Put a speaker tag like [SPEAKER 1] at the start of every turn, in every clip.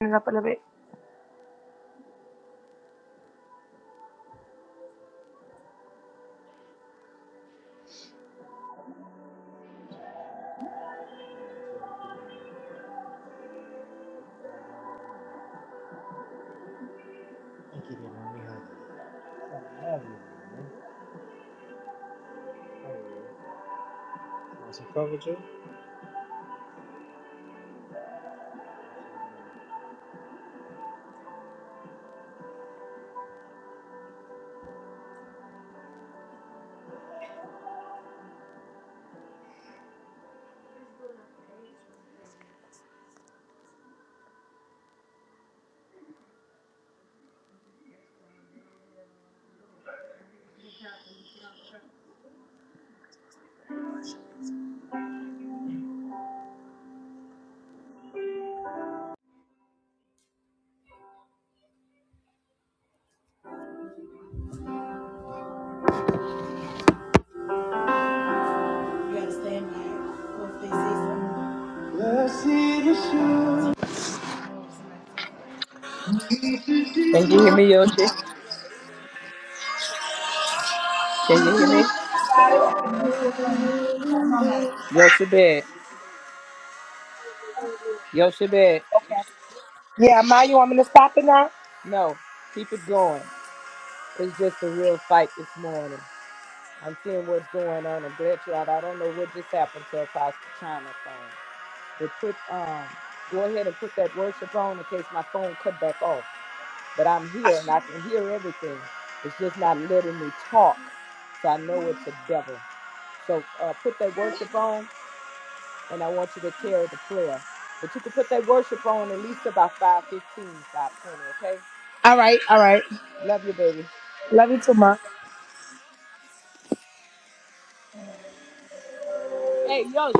[SPEAKER 1] it up a little bit.
[SPEAKER 2] Can you hear me, Yoshi? Can you hear me? Yoshi bed. Yoshi bed.
[SPEAKER 1] Okay. Yeah, Ma, you want me to stop it now?
[SPEAKER 2] No, keep it going. It's just a real fight this morning. I'm seeing what's going on. I'm glad you're out. I don't know what just happened to Apostle China phone. But put um go ahead and put that worship on in case my phone cut back off. But I'm here and I can hear everything. It's just not letting me talk. So I know it's the devil. So uh, put that worship on and I want you to carry the prayer. But you can put that worship on at least about 5.15, 5.20, okay?
[SPEAKER 1] All right, all right.
[SPEAKER 2] Love you, baby.
[SPEAKER 1] Love you too, Ma.
[SPEAKER 2] Hey, Yoshi.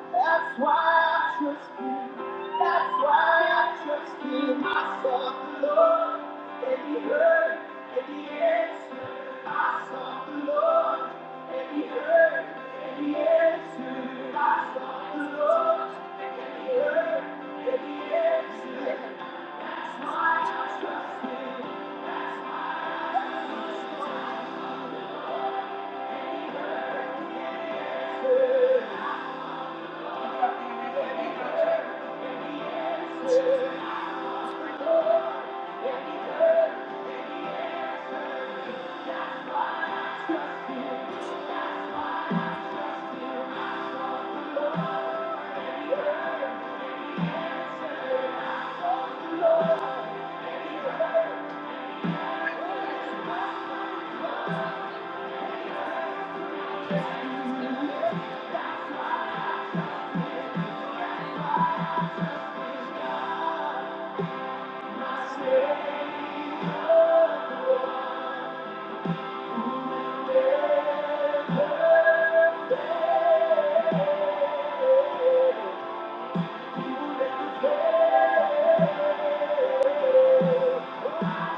[SPEAKER 1] That's why I trust him. That's why I trust him. I sought the Lord, and he heard, and he answered. I sought the Lord, and he heard, and he answered. I sought the Lord, and he answered.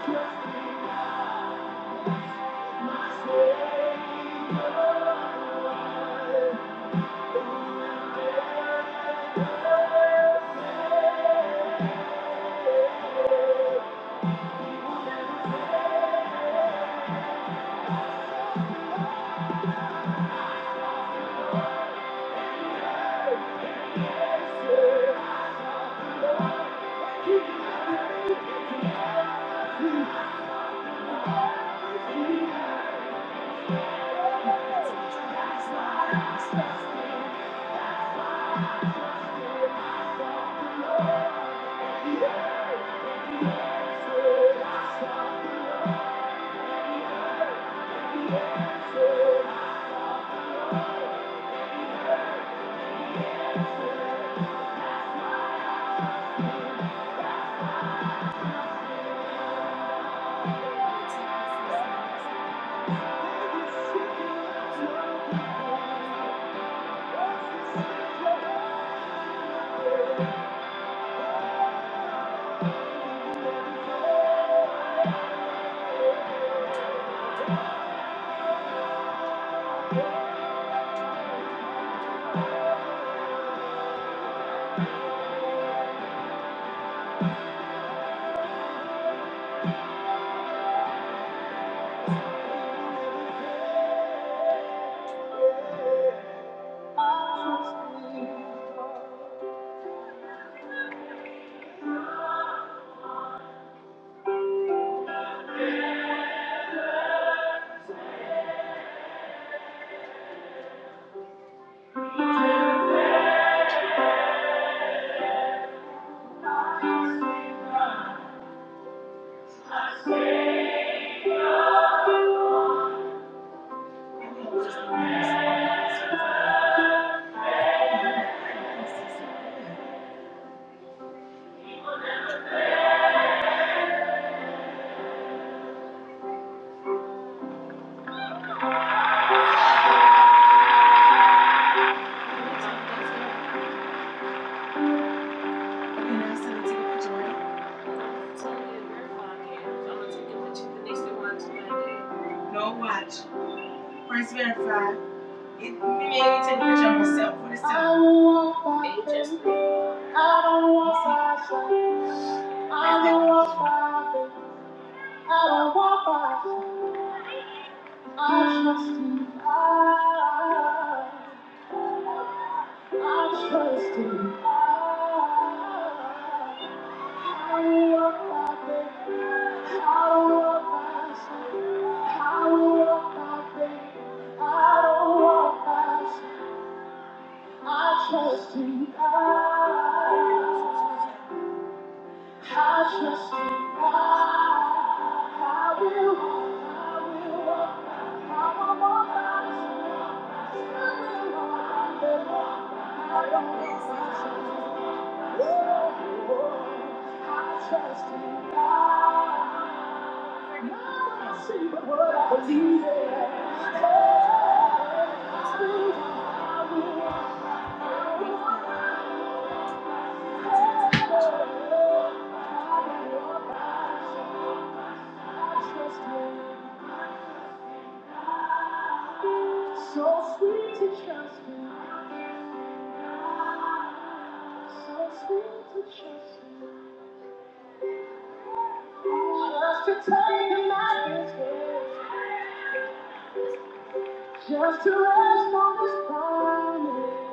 [SPEAKER 1] Trusting my Savior. I trusted, I sought the Lord, answered. I was seeking the Lord. No, watch. First verse 5. It made me take a picture of myself for the self. I don't want, I don't want, I don't want. I don't want my trust in God. I trust in God. I will walk by faith. I will walk by sight. I will walk by faith. I don't walk by sight. I trust in God. I trust in God. I will walk, I will walk. I will walk, I will walk. I will walk, I will walk. I don't know if I should. Whoa, I trust in God. I see the word I believe in. Hey, I will walk, I will walk. So sweet to trust you. so sweet to trust you. Just to take him at his word, just to rest on this promise.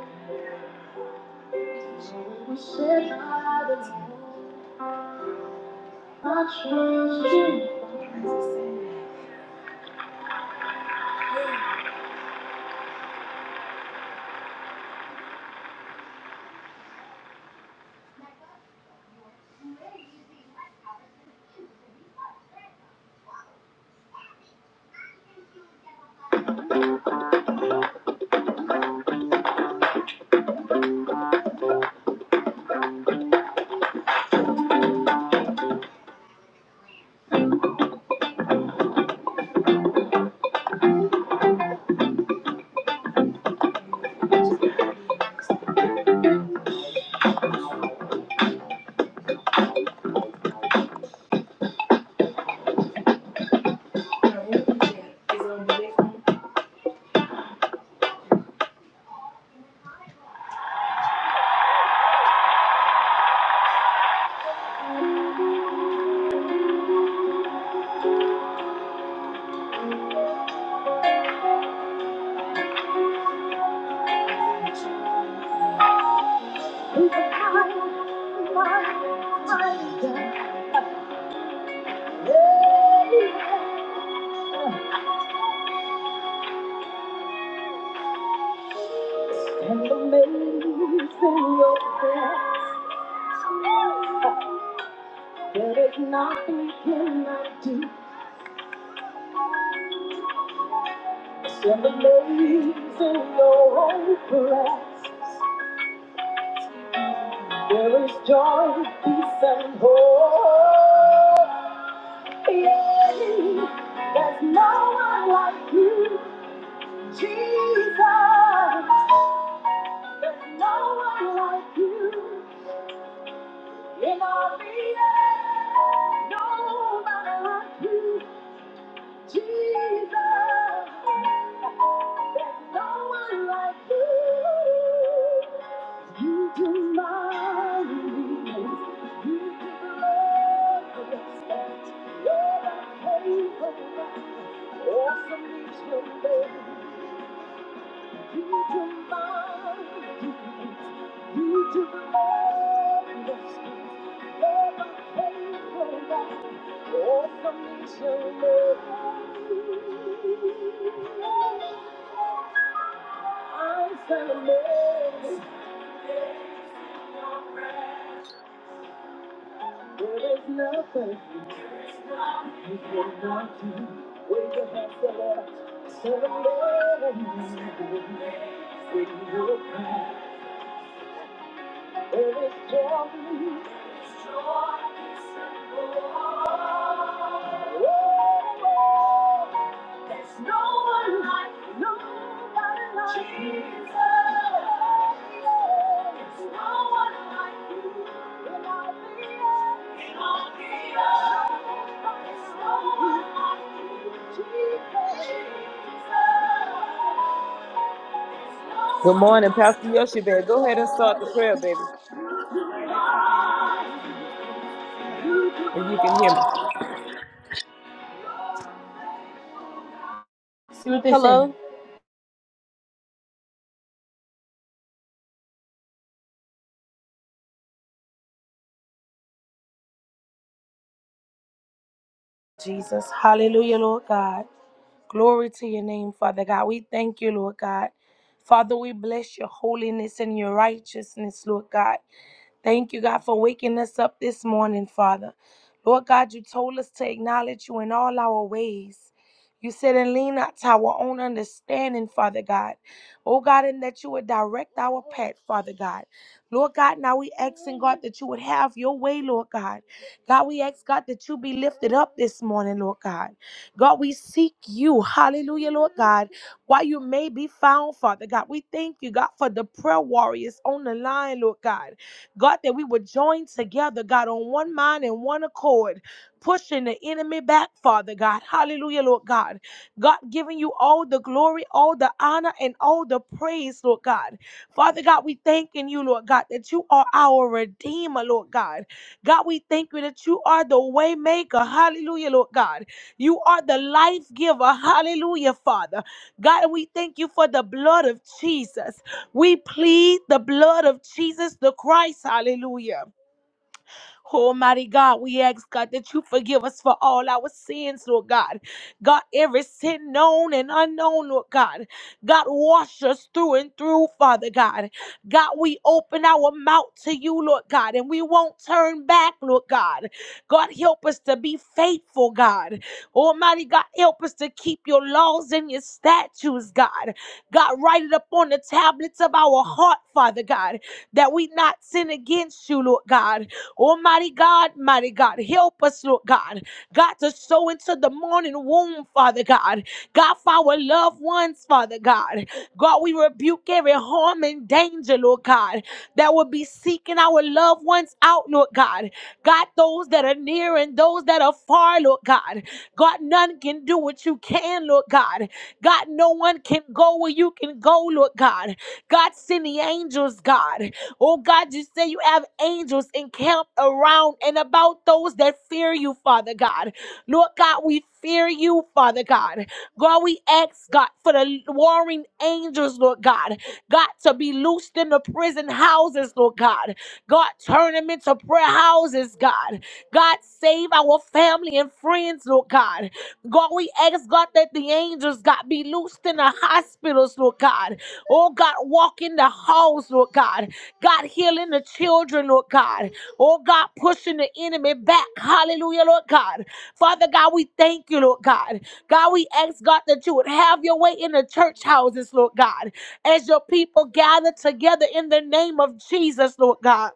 [SPEAKER 1] We sit by the Lord. I trust you and amazing your grace. so painful. There's nothing you cannot do. Send in your own breasts. There is joy, peace, and hope. Yeah, there's no one like you, Jesus. There's no one like you in all the earth. Nobody like you. Awesome is your name. You do marvelous. You do marvelous. You're my faithful God. All for me to I'm amazed. There is nothing you cannot do. Wave your hands to Lord. Surrender. Sing your prayer. There is joy. There is joy. peace, and love. Oh, there's no one like, you. nobody like you. Jesus. There's no one like you in all the earth. In all the earth. There's no one like you, Jesus. Jesus.
[SPEAKER 2] Good morning, Pastor Yoshi, baby.
[SPEAKER 1] There's
[SPEAKER 2] Go
[SPEAKER 1] no one
[SPEAKER 2] ahead and start the
[SPEAKER 1] like you.
[SPEAKER 2] prayer, baby, if you can hear me.
[SPEAKER 1] Jesus. Hallelujah, Lord God. Glory to your name, Father God. We thank you, Lord God. Father, we bless your holiness and your righteousness, Lord God. Thank you, God, for waking us up this morning, Father. Lord God, you told us to acknowledge you in all our ways. You said, and lean not to our own understanding, Father God. Oh God, and that you would direct our path, Father God. Lord God, now we asking God that you would have your way, Lord God. God, we ask God that you be lifted up this morning, Lord God. God, we seek you. Hallelujah, Lord God. While you may be found, Father God, we thank you, God, for the prayer warriors on the line, Lord God. God, that we would join together, God, on one mind and one accord, pushing the enemy back, Father God. Hallelujah, Lord God. God, giving you all the glory, all the honor, and all the praise, Lord God. Father God, we thanking you, Lord God, that you are our Redeemer, Lord God. God, we thank you that you are the waymaker. Hallelujah, Lord God. You are the life giver. Hallelujah, Father. God, we thank you for the blood of Jesus. We plead the blood of Jesus the Christ. Hallelujah. Almighty God, we ask God that you forgive us for all our sins, Lord God. God, every sin known and unknown, Lord God. God, wash us through and through, Father God. God, we open our mouth to you, Lord God, and we won't turn back, Lord God. God, help us to be faithful, God. Almighty God, help us to keep your laws and your statutes, God. God, write it up on the tablets of our heart, Father God, that we not sin against you, Lord God. Almighty God, mighty God, help us, Lord God. God, to sow into the morning womb, Father God. God, for our loved ones, Father God. God, we rebuke every harm and danger, Lord God, that would be seeking our loved ones out, Lord God. God, those that are near and those that are far, Lord God. God, none can do what you can, Lord God. God, no one can go where you can go, Lord God. God, send the angels, God. Oh, God, you say you have angels encamped around and about those that fear you, Father God. Lord God, we fear you, Father God. God, we ask, God, for the warring angels, Lord God. God, to be loosed in the prison houses, Lord God. God, turn them into prayer houses, God. God, save our family and friends, Lord God. God, we ask God that the angels, God, be loosed in the hospitals, Lord God. Oh God, walk in the halls, Lord God. God, healing the children, Lord God. Oh God, pushing the enemy back. Hallelujah, Lord God. Father God, we thank you, Lord God. God, we ask God that you would have your way in the church houses, Lord God, as your people gather together in the name of Jesus, Lord God.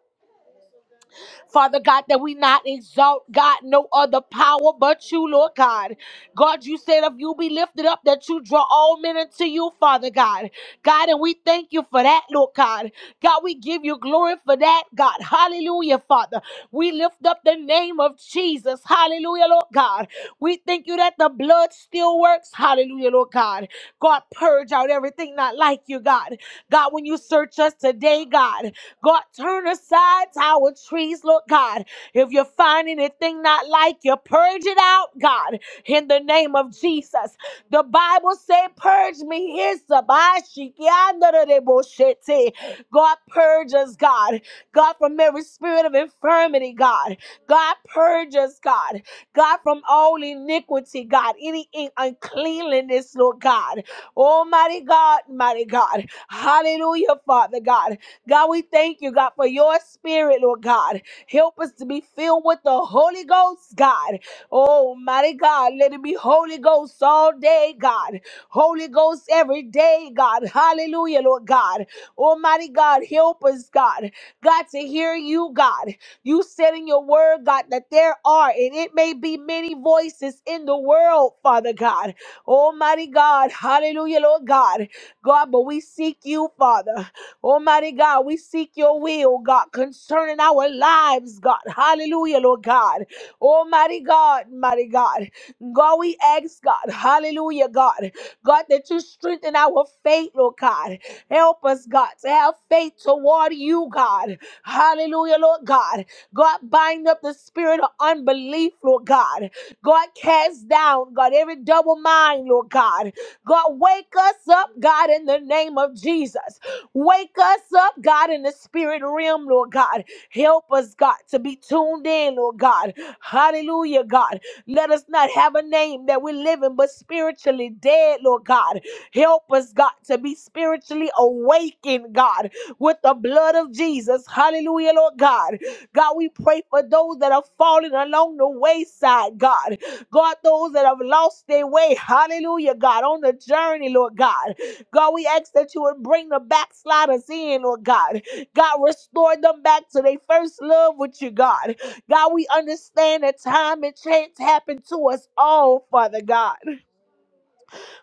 [SPEAKER 1] Father God, that we not exalt, God, no other power but you, Lord God. God, you said if you be lifted up, that you draw all men unto you, Father God. God, and we thank you for that, Lord God. God, we give you glory for that, God. Hallelujah, Father. We lift up the name of Jesus. Hallelujah, Lord God. We thank you that the blood still works. Hallelujah, Lord God. God, purge out everything not like you, God. God, when you search us today, God. God, turn aside our trees, Lord God. If you're finding anything not like you, purge it out, God, in the name of Jesus. The Bible said, Purge me. Here's the Bashikiandareboshete. God, purge us, God. God, from every spirit of infirmity, God. God, purge us, God. God, from all iniquity, God. Any in- uncleanliness, Lord God. Almighty God, mighty God. Hallelujah, Father God. God, we thank you, God, for your spirit, Lord God. Help us to be filled with the Holy Ghost, God. Oh, mighty God, let it be Holy Ghost all day, God. Holy Ghost every day, God. Hallelujah, Lord God. Almighty God, help us, God. God, to hear you, God. You said in your word, God, that there are, and it may be many voices in the world, Father God. Almighty God, hallelujah, Lord God. God, but we seek you, Father. Almighty God, we seek your will, God, concerning our lives, God. Hallelujah, Lord God. Almighty God, mighty God. God, we ask, God, hallelujah, God. God, that you strengthen our faith, Lord God. Help us, God, to have faith toward you, God. God. Hallelujah, Lord God. God, bind up the spirit of unbelief, Lord God. God, cast down, God, every double mind, Lord God. God, wake us up, God, in the name of Jesus. Wake us up, God, in the spirit realm, Lord God. Help us, God, to be tuned in, Lord God. Hallelujah, God. Let us not have a name that we're living but spiritually dead, Lord God. Help us, God, to be spiritually awakened, God with the blood of Jesus. Hallelujah, Lord God. God, we pray for those that are falling along the wayside, God. God, those that have lost their way. Hallelujah, God, on the journey, Lord God. God, we ask that you would bring the backsliders in, Lord God. God, restore them back to their first love with you, God. God, we understand that time and chance happen to us all, Father God.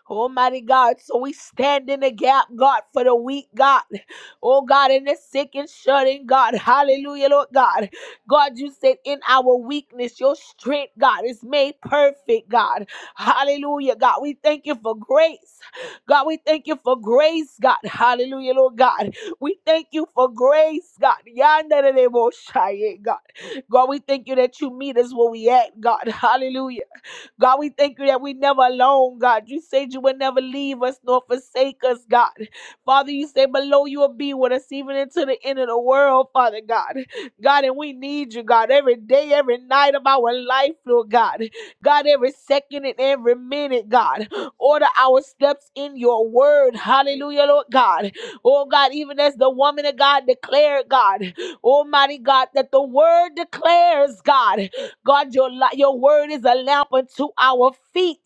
[SPEAKER 1] Almighty God. So we stand in the gap, God, for the weak, God. Oh, God, in the sick and shut in, God. Hallelujah, Lord God. God, you said in our weakness, your strength, God, is made perfect, God. Hallelujah, God. We thank you for grace. God, we thank you for grace, God. Hallelujah, Lord God. We thank you for grace, God. Yanda de de bo shaye, God. God, we thank you that you meet us where we at, God. Hallelujah. God, we thank you that we never alone, God. You said you would never leave us nor forsake us, God. Father, you say below you will be with us even into the end of the world, Father God. God, and we need you, God, every day, every night of our life, Lord God. God, every second and every minute, God. Order our steps in your word. Hallelujah, Lord God. Oh God, even as the woman of God declared, God, Almighty God, that the word declares, God. God, your, li- your word is a lamp unto our feet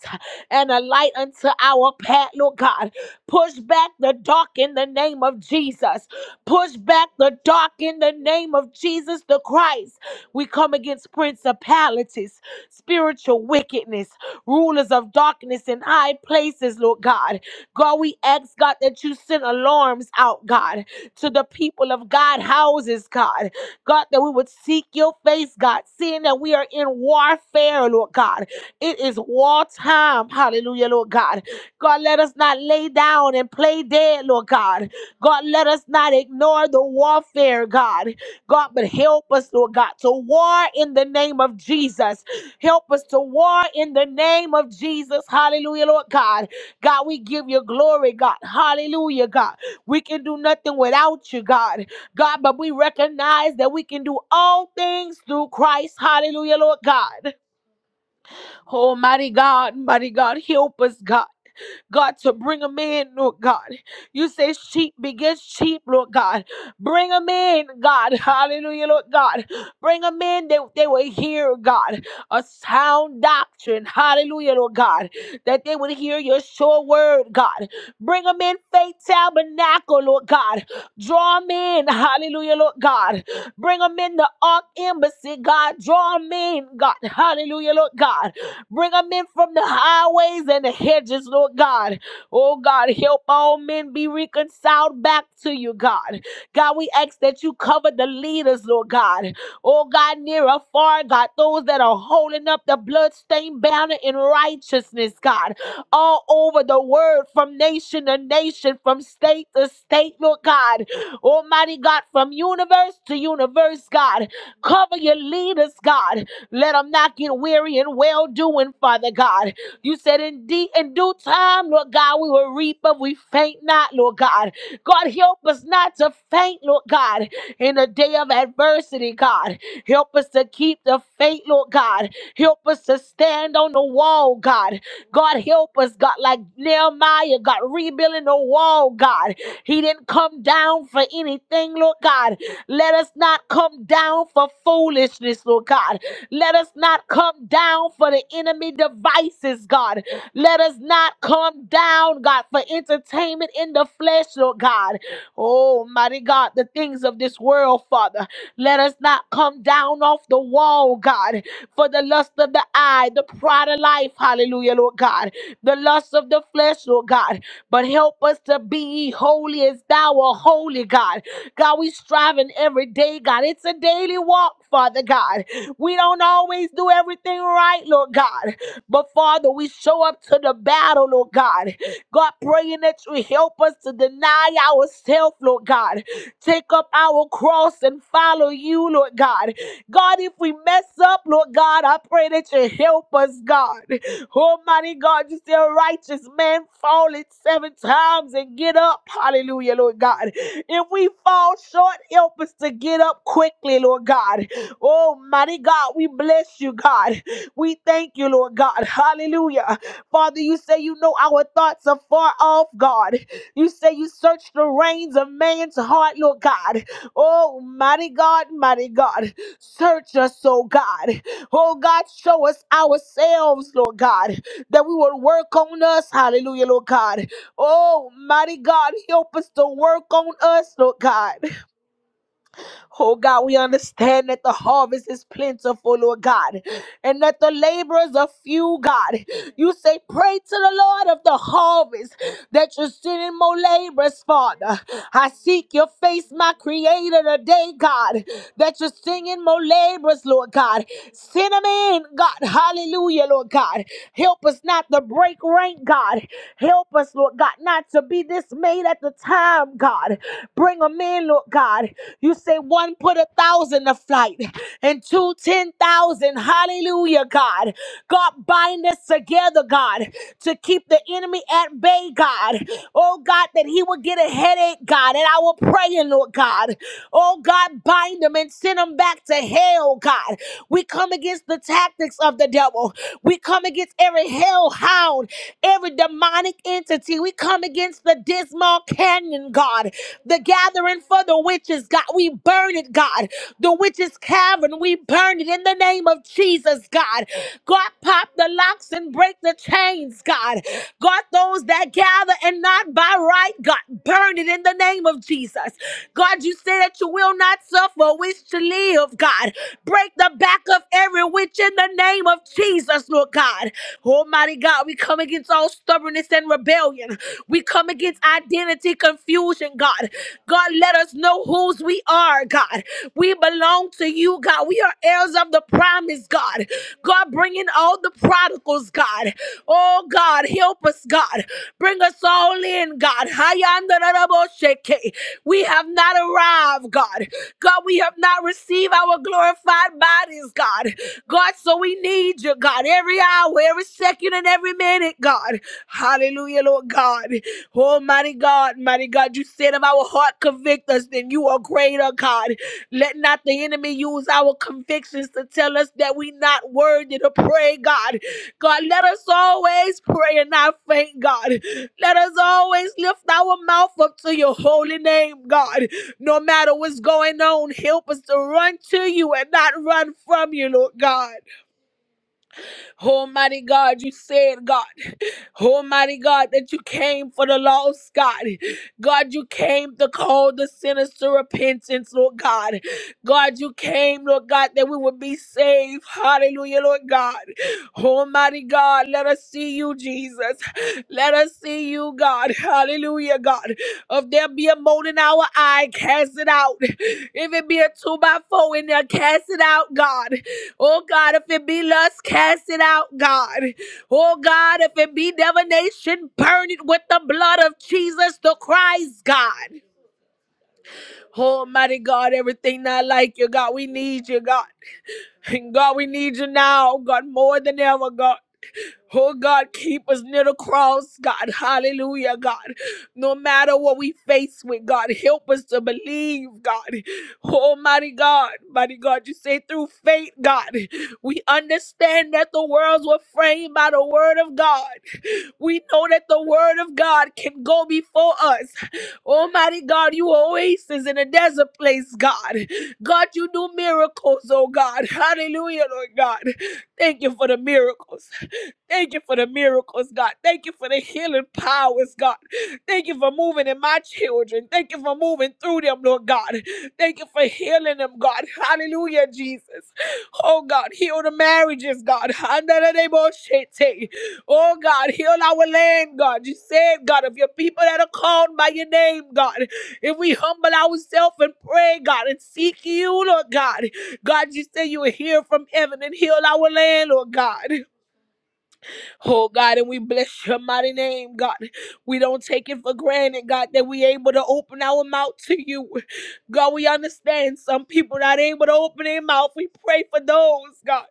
[SPEAKER 1] and a light unto our path, Lord God. Push back the dark in the name of Jesus. Push back the dark in the name of Jesus the Christ. We come against principalities, spiritual wickedness, rulers of darkness in high places, Lord God. God, we ask, God, that you send alarms out, God, to the people of God, houses, God. God, that we would seek your face, God, seeing that we are in warfare, Lord God. It is war time, hallelujah, Lord God. God, let us not lay down and play dead, Lord God. God, let us not ignore the warfare, God. God, but help us, Lord God, to war in the name of Jesus. Help us to war in the name of Jesus, hallelujah, Lord God. God, we give you glory, God, hallelujah, God. We can do nothing without you, God. God, but we recognize that we can do all things through Christ. Hallelujah, Lord God. Almighty God, mighty God, help us, God. God, to bring them in, Lord God. You say sheep begets sheep, Lord God. Bring them in, God. Hallelujah, Lord God. Bring them in. They, they will hear, God, a sound doctrine. Hallelujah, Lord God. That they would hear your sure word, God. Bring them in, faith tabernacle, Lord God. Draw them in. Hallelujah, Lord God. Bring them in the ark embassy, God. Draw them in, God. Hallelujah, Lord God. Bring them in from the highways and the hedges, Lord God. Oh God, help all men be reconciled back to you, God. God, we ask that you cover the leaders, Lord God. Oh God, near or far, God, those that are holding up the bloodstained banner in righteousness, God, all over the word, from nation to nation, from state to state, Lord God. Almighty God, from universe to universe, God. Cover your leaders, God. Let them not get weary in well doing, Father God. You said, in, de- in due time, Lord God, we will reap if we faint not, Lord God. God, help us not to faint, Lord God, in the day of adversity, God. Help us to keep the faith, Lord God. Help us to stand on the wall, God. God, help us, God, like Nehemiah, God, rebuilding the wall, God. He didn't come down for anything, Lord God. Let us not come down for foolishness, Lord God. Let us not come down for the enemy devices, God. Let us not come down, God, for entertainment in the flesh, Lord God. Oh, mighty God, the things of this world, Father. Let us not come down off the wall, God, for the lust of the eye, the pride of life, hallelujah, Lord God, the lust of the flesh, Lord God. But help us to be holy as thou art holy, God. God, we striving every day, God. It's a daily walk, Father God. We don't always do everything right, Lord God. But Father, we show up to the battle, Lord God. God, praying that you help us to deny ourselves, Lord God. Take up our cross and follow you, Lord God. God, if we mess up, Lord God, I pray that you help us, God. Almighty God, you say a righteous man fall it seven times and get up. Hallelujah, Lord God. If we fall short, help us to get up quickly, Lord God. Oh, mighty God, we bless you, God. We thank you, Lord God. Hallelujah. Father, you say you know our thoughts are far off, God. You say you search the reins of man's heart, Lord God. Oh, mighty God, mighty God. Search us, oh God. Oh, God, show us ourselves, Lord God, that we will work on us. Hallelujah, Lord God. Oh, mighty God, help us to work on us, Lord God. Oh God, we understand that the harvest is plentiful, Lord God, and that the laborers are few, God. You say, Pray to the Lord of the harvest that you're sending more laborers, Father. I seek your face, my creator, today, God, that you're singing more laborers, Lord God. Send them in, God. Hallelujah, Lord God. Help us not to break rank, God. Help us, Lord God, not to be dismayed at the time, God. Bring them in, Lord God. You say one put a thousand to flight and two ten thousand. Hallelujah, God. God, bind us together, God, to keep the enemy at bay, God. Oh, God, that he will get a headache, God, and I will pray, Lord God. Oh, God, bind them and send them back to hell, God. We come against the tactics of the devil. We come against every hellhound every demonic entity. We come against the dismal canyon, God, the gathering for the witches, God. We burn it, God. The witches' cavern, we burn it in the name of Jesus, God. God, pop the locks and break the chains, God. God, those that gather and not by right, God, burn it in the name of Jesus. God, you say that you will not suffer a witch to live, God. Break the back of every witch in the name of Jesus, Lord God. Almighty God, we come against all stubbornness and rebellion. We come against identity confusion, God. God, let us know whose we are, God. We belong to you, God. We are heirs of the promise, God. God, bring in all the prodigals, God. Oh, God, help us, God. Bring us all in, God. Hayandaraboseke. We have not arrived, God. God, we have not received our glorified bodies, God. God, so we need you, God, every hour, every second, and every minute, God. Hallelujah, Lord God. Almighty God, mighty God, you said if our heart convict us, then you are greater, God. Let not the enemy use our convictions to tell us that we not worthy to pray, God. God, let us always pray and not faint, God. Let us always lift our mouth up to your holy name, God. No matter what's going on, help us to run to you and not run from you, Lord God. Almighty God, you said, God, Almighty God, that you came for the lost, God. God, you came to call the sinners to repentance, Lord God. God, you came, Lord God, that we would be saved. Hallelujah, Lord God. Almighty God, let us see you, Jesus. Let us see you, God. Hallelujah, God. If there be a mote in our eye, cast it out. If it be a two by four in there, cast it out, God. Oh, God, if it be lust, cast it out, God. Oh, God, if it be divination, burn it with the blood of Jesus the Christ, God. Oh, mighty God, everything not like you, God. We need you, God. And God, we need you now, God, more than ever, God. Oh God, keep us near the cross, God. Hallelujah, God. No matter what we face with, God, help us to believe, God. Almighty God, mighty God, you say through faith, God. We understand that the worlds were framed by the word of God. We know that the word of God can go before us. Almighty God, you oasis in a desert place, God. God, you do miracles, oh God. Hallelujah, Lord God. Thank you for the miracles. Thank you for the miracles, God. Thank you for the healing powers, God. Thank you for moving in my children. Thank you for moving through them, Lord God. Thank you for healing them, God. Hallelujah, Jesus. Oh God, heal the marriages, God. Oh God, heal our land, God. You said, God, of your people that are called by your name, God. If we humble ourselves and pray, God, and seek you, Lord God. God, you say you will hear from heaven and heal our land, Lord God. Oh God, and we bless your mighty name, God. We don't take it for granted, God, that we able to open our mouth to you. God, we understand some people not able to open their mouth. We pray for those, God.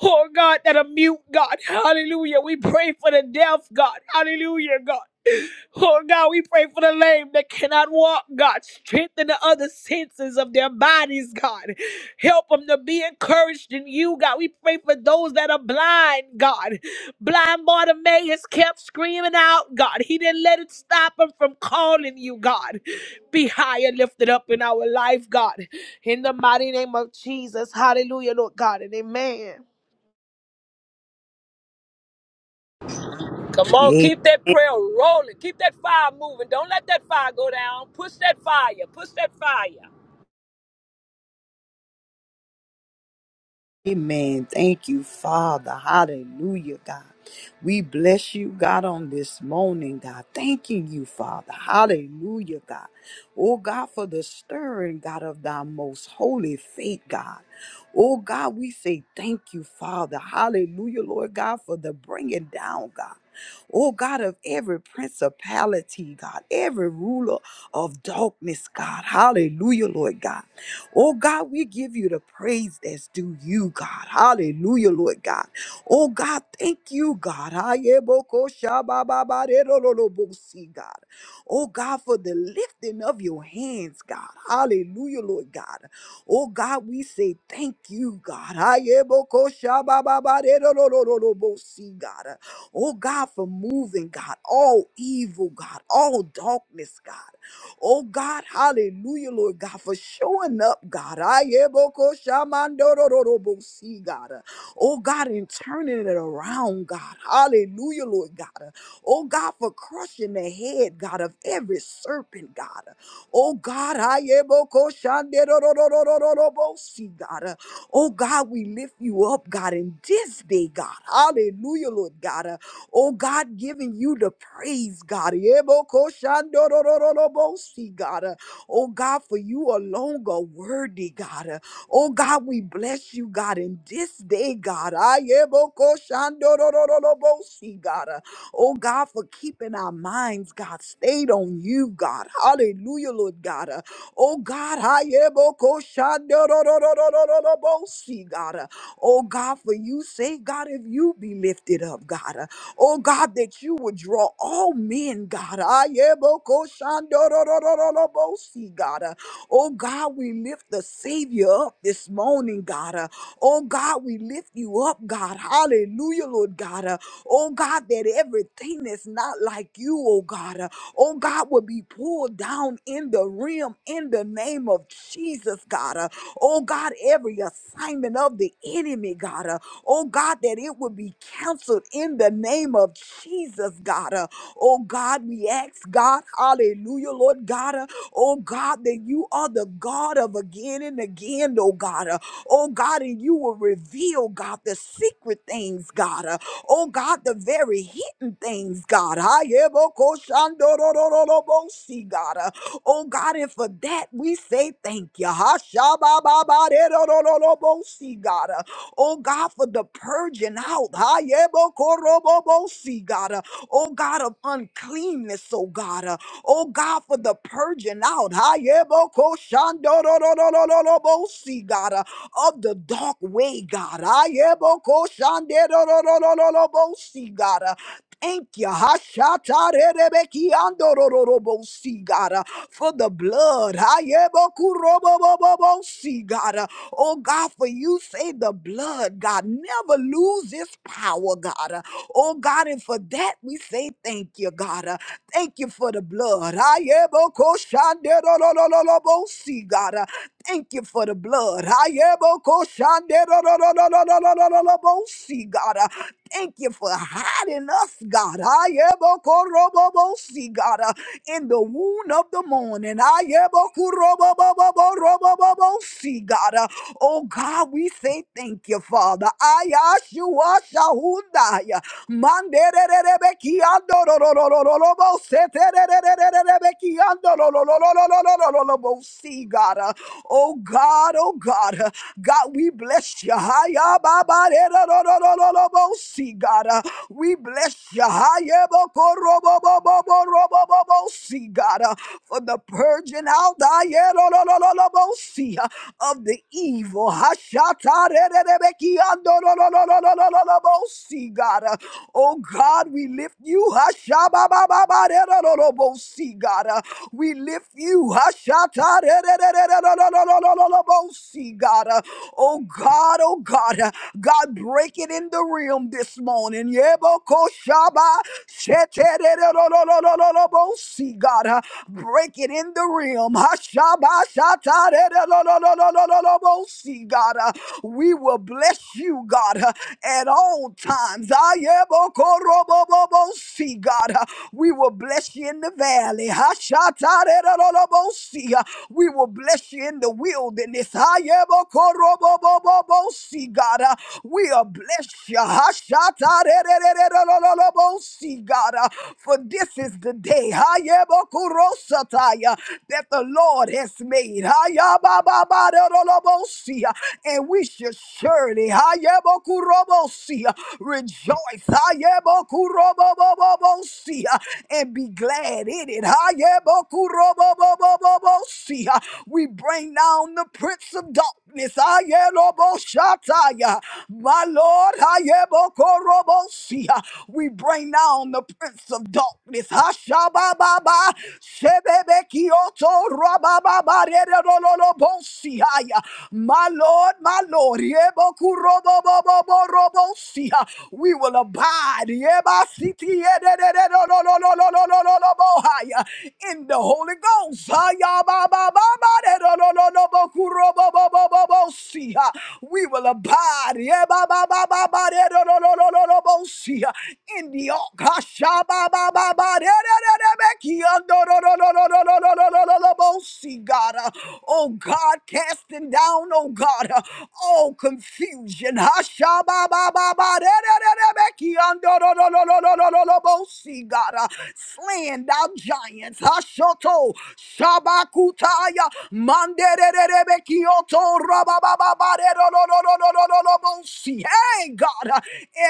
[SPEAKER 1] Oh God, that are mute, God. Hallelujah. We pray for the deaf, God. Hallelujah, God. Oh God, we pray for the lame that cannot walk, God. Strengthen the other senses of their bodies, God. Help them to be encouraged in you, God. We pray for those that are blind, God. Blind Bartimaeus kept screaming out, God. He didn't let it stop him from calling you, God. Be high and lifted up in our life, God. In the mighty name of Jesus. Hallelujah, Lord God, and amen.
[SPEAKER 2] Come on,
[SPEAKER 3] Amen.
[SPEAKER 2] keep that prayer rolling. Keep that fire moving. Don't let that fire go down. Push that fire. Push that fire.
[SPEAKER 3] Amen. Thank you, Father. Hallelujah, God. We bless you, God, on this morning, God. Thanking you, Father. Hallelujah, God. Oh, God, for the stirring, God, of thy most holy faith, God. Oh, God, we say thank you, Father. Hallelujah, Lord God, for the bringing down, God. Oh, God, of every principality, God, every ruler of darkness, God. Hallelujah, Lord God. Oh God, we give you the praise that's due you, God. Hallelujah, Lord God. Oh God, thank you, God. Ayebokoshabababarerololobosi, God. Oh God, for the lifting of your hands, God. Hallelujah, Lord God. Oh God, we say thank you, God. Ayebokoshabababarerolololobosi, God. Oh God, for moving, God, all evil, God, all darkness, God. Oh God, hallelujah, Lord God, for showing up, God. Ayeboko shamandorororobosi, God. Oh God, and turning it around, God. Hallelujah, Lord God. Oh God, for crushing the head, God, of every serpent, God. Oh God, ayeboko shanderororororobosi, God. Oh God, we lift you up, God, in this day, God. Hallelujah, Lord God. Oh God, giving you the praise, God. Yebokoshandorororobosi, God. Uh, Oh God, for you alone are worthy, God. Uh, Oh God, we bless you, God, in this day, God. Ayebokoshandorororobosi, God. Uh, Oh God, for keeping our minds, God, stayed on you, God. Hallelujah, Lord God. Uh, Oh God, ayebokoshandorororobosi, God. Uh, Oh God, for you say, God, if you be lifted up, God. Oh God, that you would draw all men, God. Ayebokoshandororororobosi, God. Uh, Oh God, we lift the Savior up this morning, God. Uh, Oh God, we lift you up, God. Hallelujah, Lord God. Uh, Oh God, that everything that's not like you, oh God, uh, oh God, will be pulled down in the rim in the name of Jesus, God. Uh, Oh God, every assignment of the enemy, God oh God, that it would be canceled in the name of Jesus, God. Uh, oh God, we ask, God, hallelujah, Lord God, uh, oh God, that you are the God of again and again, oh God. Uh, oh God, and you will reveal, God, the secret things, God. Uh, oh God, the very hidden things, God. Ayebokoshandorororobosi, God. Uh, Oh God, and for that we say thank you. Ha, sha, ba, ba, ba, de, do, do, do, do, bo, see, God. Uh, Oh God, for the purging out. Ha, yebo, God. uh, Oh God of uncleanness, oh God. uh, Oh God, for the purging out. Ha, yebo, ko, ro, ro, ro, ro, ro, ro, bo, God. uh, Of the dark way, God. Ha, shande, ro, ro, ro, ro, ro, ro, bo, see, God. Thank you. Hashatarerebekiandorororobosi, God, uh, for the blood. Hayebokurobobobobosi, God. uh, Oh, God, for you say the blood, God, never lose its power, God. uh, Oh, God, and for that we say thank you, God. uh, Thank you for the blood. Hayebokoshanderorororobosi, God. uh, Thank you for the blood. Hayebokoshanderorororobosi, God. uh, Thank you for hiding us, God. Ayebokorobobosi, God, uh, in the wound of the morning. Ayebokoroboboboborobobobosi, God. uh, Oh God, we say thank you, Father. Ayashua Shahundaya. Manderererebekiandororororobose, terererererebekiandororororororobosi, God. uh, Oh God, oh God. uh, God, we bless you. Haya baba, ba, de, do, do, do, do, do, do, bo, See, God, uh, we bless you. Haya bo, ko, ro, bo, bo, bo, bo, ro, bo, bo, bo, See, God, uh, for the purging out hiya, do, do, do, do, do, bo, see, uh, of the evil. Hashata, de, de, de, be, ki, an, do, do, do, do, do, do, do, do, do, bo, See, God, uh, oh God, we lift you. Hasha, ba, ba, ba, ba, de, do, do, do, bo, See, God, uh, we lift you. Hashata, de de de de do do do do do do see, God. Uh, Oh God, oh God, uh, God, break it in the realm this morning. Yebokoshaba sheterererororororobosi, God, uh, break it in the realm. Hashaba shatarererororororobosi, God, uh, we will bless you, God, uh, at all times. Ayebokorobobobosi, God, uh, we will bless you in the valley. Hashatarererorobosi, uh, We will Bless you in the wilderness. Iyebo kurobo bo bo bo bo. See God, we are blessed. You hushata re re re re re re re re. See God, for this is the day. Iyebo kuro sataya that the Lord has made. Iye ba ba ba re re re re. See ya, and we should surely. Iyebo kurobo see ya. Rejoice. Iyebo kurobo bo bo bo bo. See ya, and be glad in it. Iyebo kurobo bo bo bo. We bring down the prince of darkness. Ayeloboshataya. My Lord, Ayebokorobosia. we bring down the prince of darkness. Hashabababa. Shebebekioto rabababaredololobosia. My Lord, my Lord, Yebokurobobobobobosia. we will abide Yebasitiedededelololololololobohaya. in in the Holy Ghost. Ah, ba, ba, ba, ba, de, do, do, do, do, bo, ku, ro, bo, bo, bo, bo, bo, si, ah. We will abide yeah, ba, ba, ba, ba, ba, de, do, do, do, do, do, do, bo, si, ah. in the ark. Ah, ba, ba, ba, ba, de, de, de, de, be, ki, ah, do, do, do, do, do, do, do, do, do, do, do, si, God. Ah, Oh God, casting down, oh God, ah, all confusion. Ah, sha, ba, ba, ba, ba, de, de, de, de, be, ki, ah, do, do, do, do, do, do, do, do, do, bo, si, God. Ah, Slaying down giants. Hashoto Shabakutaya Mandererebekioto Rababababarerololololololobosi. Hey God, uh,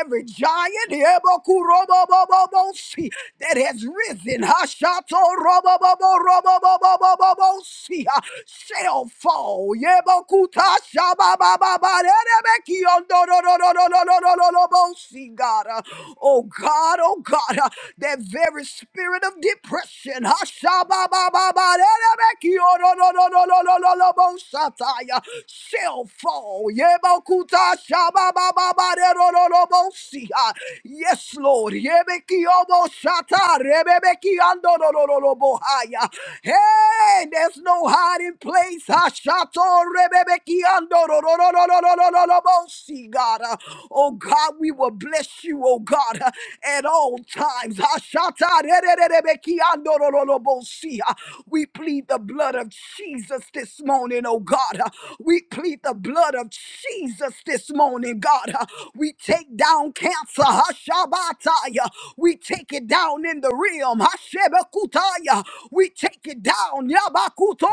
[SPEAKER 3] every giant Ebokurobobobobosi, that has risen Hashato Robobobobobobobobobosi, uh, shall fall. Yebokuta Shababababarerebekiondo- no, no, no, no, no, no, no, no, no, no, see, God. uh, Oh, God, oh, God, uh, that very spirit of depression. Hashababababarerebekiodododododododobosatai. Shall fall. Yebokuta shababababarerododobosia. Yes, Lord. Yebekioboshata rebebekiandododododobosaya. Hey, there's no hiding place. Hashato rebebekiandododododododobosika, God. Uh, Oh God, we will bless you, oh God, uh, at at All times, we plead the blood of Jesus this morning, O God. We plead the blood of Jesus this morning, God. We take down cancer, we take it down in the realm, we take it down. Yabakuto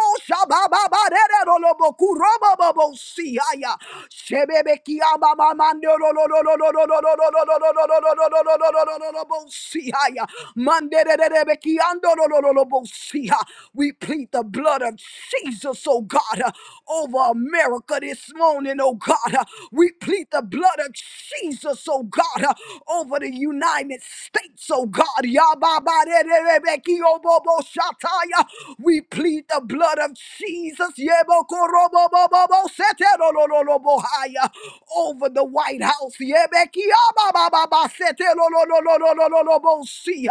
[SPEAKER 3] we plead the blood of Jesus, oh God, uh, over America this morning, oh God. uh, We plead the blood of Jesus, oh God, uh, over the United States, oh God. Yababaderebekiyoboboshataya. We plead the blood of Jesus yebokoroboboboboseterololobohaya, over the White House. Rebekah, ba ba ba ba, set the lo lo lo lo lo lo lo lo bullseye.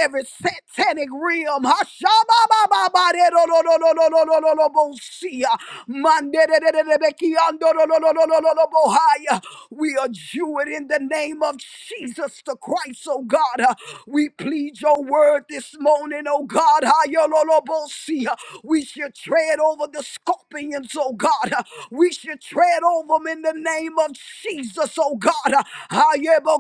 [SPEAKER 3] Every satanic realm, Hashem, ba ba ba ba, set the lo lo lo lo lo lo lo lo bullseye. Man, set the the the Rebekah, set the lo lo lo lo lo lo lo lo bullseye. We are Jewish in the name of Jesus the Christ, O God. We plead Your word this morning, O God. Set the lo lo bullseye. We should tread over the scorpions, O God. We should tread over them in the name of. Jesus, oh God. Ayebokoroboboboseterolololobohaya.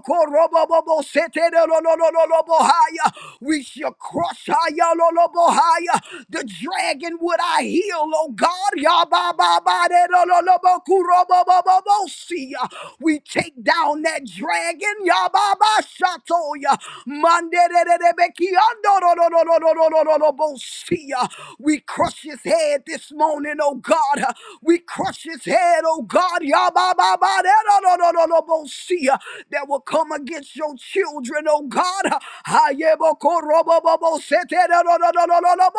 [SPEAKER 3] We shall crush ayalolobohaya, the dragon would I heal, oh God. Yabababaderololobokurobobobobosia. We take down that dragon. Yababashatoya. Mandererebekiandorololololololobosia. We crush his head this morning, oh God. We crush his head, oh God. God, yabba-ba-ba-da-da-da-da-da-bo-sia, that will come against your children, oh God. ha ye bo ko ro bo bo bo se te da da da da da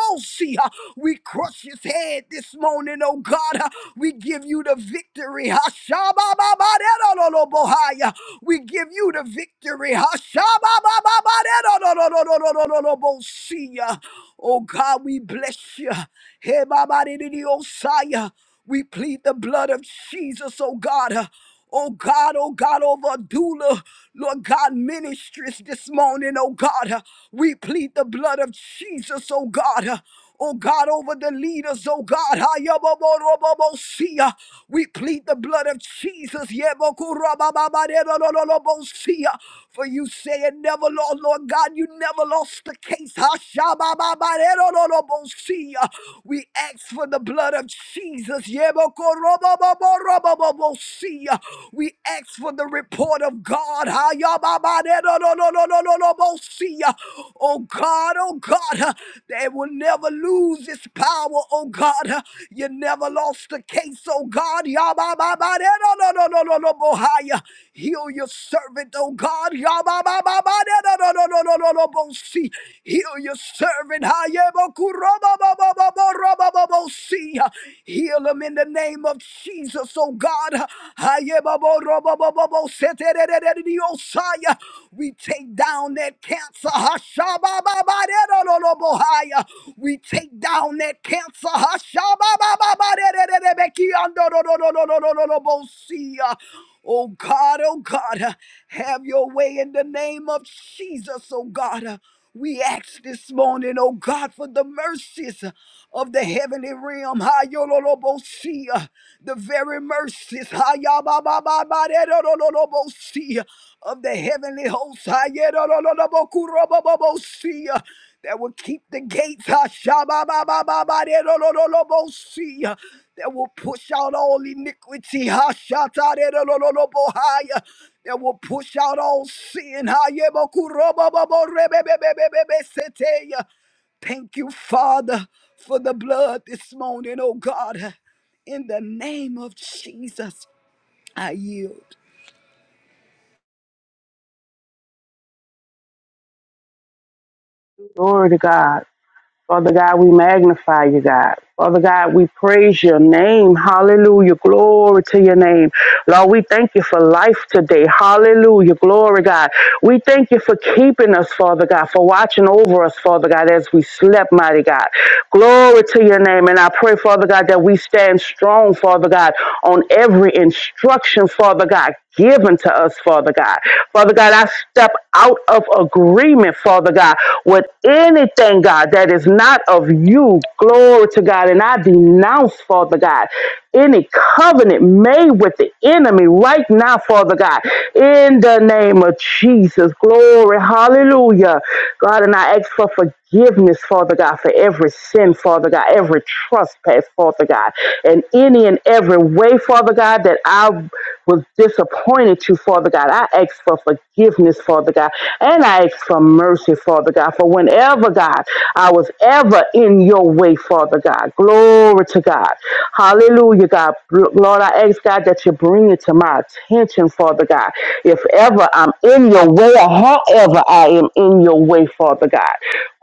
[SPEAKER 3] We crush his head this morning, oh God. We give you the victory. Ha-sha-ba-ba-ba-da-da-da-da-bo-hia. We give you the victory. ha sha ba ba ba ba da da da da da da da da da bo Oh God, we bless you. Hey, Baba, di- di- di- oh, we plead the blood of Jesus, oh God. uh, Oh God, oh God, over doula, Lord God, ministries this morning, oh God. uh, We plead the blood of Jesus, oh God. uh, Oh God, over the leaders, oh God. Ayabobobobobosia. We plead the blood of Jesus. Yebokurabababadedololobosia. For you say it never lost, Lord God, you never lost the case. Hashabababadedololobosia. We ask for the blood blood of Jesus. Yebokorobobobobobobosia. We ask for the report of God. Hayababadedodododododobosia. Oh God, oh God, they will never lose its power, oh God. You never lost the case, oh God. Yabababadedododododobohaya. Heal your servant, oh God. Yababababadedododododobosi. Heal your servant. Hayebokurobobobobobo. Heal them in the name of Jesus, oh God. We take down that cancer. We take down that cancer. Hashabababaderererebekiandorororororororobosia. Oh God, oh God, have your way in the name of Jesus, oh God. We ask this morning, oh God, for the mercies of the heavenly realm. Hayololobosi, uh, The very mercies ha, ya, ba ba ba ba de, do, lo lo lo bo Hayababababaderololobosi, of the heavenly host Ha, ye, do, lo lo lo bo Hayerololobokurobobobosi, uh, that will keep the gates Ha, sha, ba ba ba ba ba, de, do, lo lo lo Hashababababaderololobosi, uh, that will push out all iniquity. Ha, sha, ta, de, do, lo lo lo bo Hashatarerololobohai, that will push out all sin. Hayemakuroboboborebebebebebebeseteya. Thank you, Father, for the blood this morning, oh God. In the name of Jesus, I yield.
[SPEAKER 4] Glory to God. Father God, we magnify you, God. Father God, we praise your name. Hallelujah. Glory to your name. Lord, we thank you for life today. Hallelujah. Glory, God. We thank you for keeping us, Father God, for watching over us, Father God, as we slept, mighty God. Glory to your name. And I pray, Father God, that we stand strong, Father God, on every instruction, Father God, given to us, Father God. Father God, I step out of agreement, Father God, with anything, God, that is not of you. Glory to God. And I denounce, Father God, any covenant made with the enemy right now, Father God, in the name of Jesus. Glory. Hallelujah. God, and I ask for forgiveness, Father God, for every every sin, Father God, every trespass, Father God, and any and every way, Father God, that I was disappointed to, Father God. I ask for forgiveness, Father God, and I ask for mercy, Father God, for whenever, God, I was ever in your way, Father God. Glory to God. Hallelujah, God. Lord, I ask, God, that you bring it to my attention, Father God. If ever I'm in your way or however I am in your way, Father God.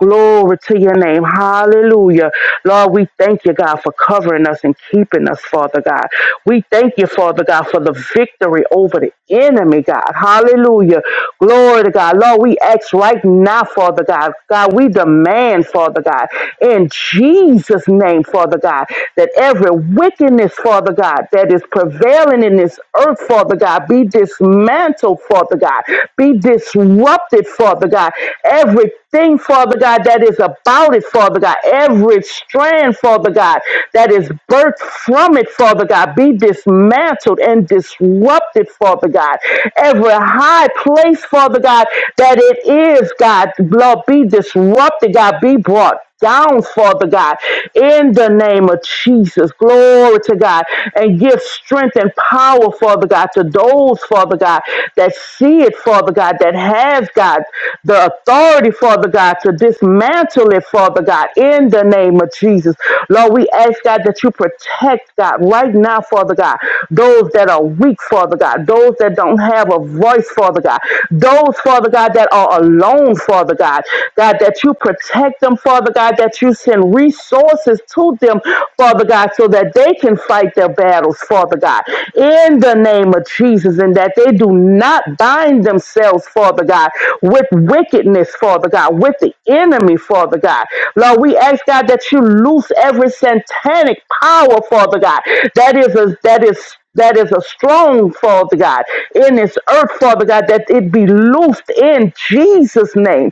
[SPEAKER 4] Glory to your name. Hallelujah. Lord, we thank you, God, for covering us and keeping us, Father God. We thank you, Father God, for the victory over the enemy, God. Hallelujah. Glory to God. Lord, we ask right now, Father God. God, we demand, Father God, in Jesus' name, Father God, that every wickedness, Father God, that is prevailing in this earth, Father God, be dismantled, Father God, be disrupted, Father God. Everything, Father God, that is about it it, Father God. Every strand, Father God, that is birthed from it, Father God, be dismantled and disrupted, Father God. Every high place, Father God, that it is, God, Lord, be disrupted, God, be brought down, Father God, in the name of Jesus. Glory to God. And give strength and power, Father God, to those, Father God, that see it, Father God, that have, God, the authority, Father God, to dismantle it, Father God, in the name of Jesus. Lord, we ask, God, that you protect, God, right now, Father God, those that are weak, Father God, those that don't have a voice, Father God, those, Father Father God, that are alone, Father God. God, that you protect them, Father God, that you send resources to them, Father God, so that they can fight their battles, Father God, in the name of Jesus, and that they do not bind themselves, Father God, with wickedness, Father God, with the enemy, Father God. Lord, we ask God that you loose every satanic power, Father God, that is a, that is that is a strong, Father God, in this earth, Father God, that it be loosed in Jesus' name.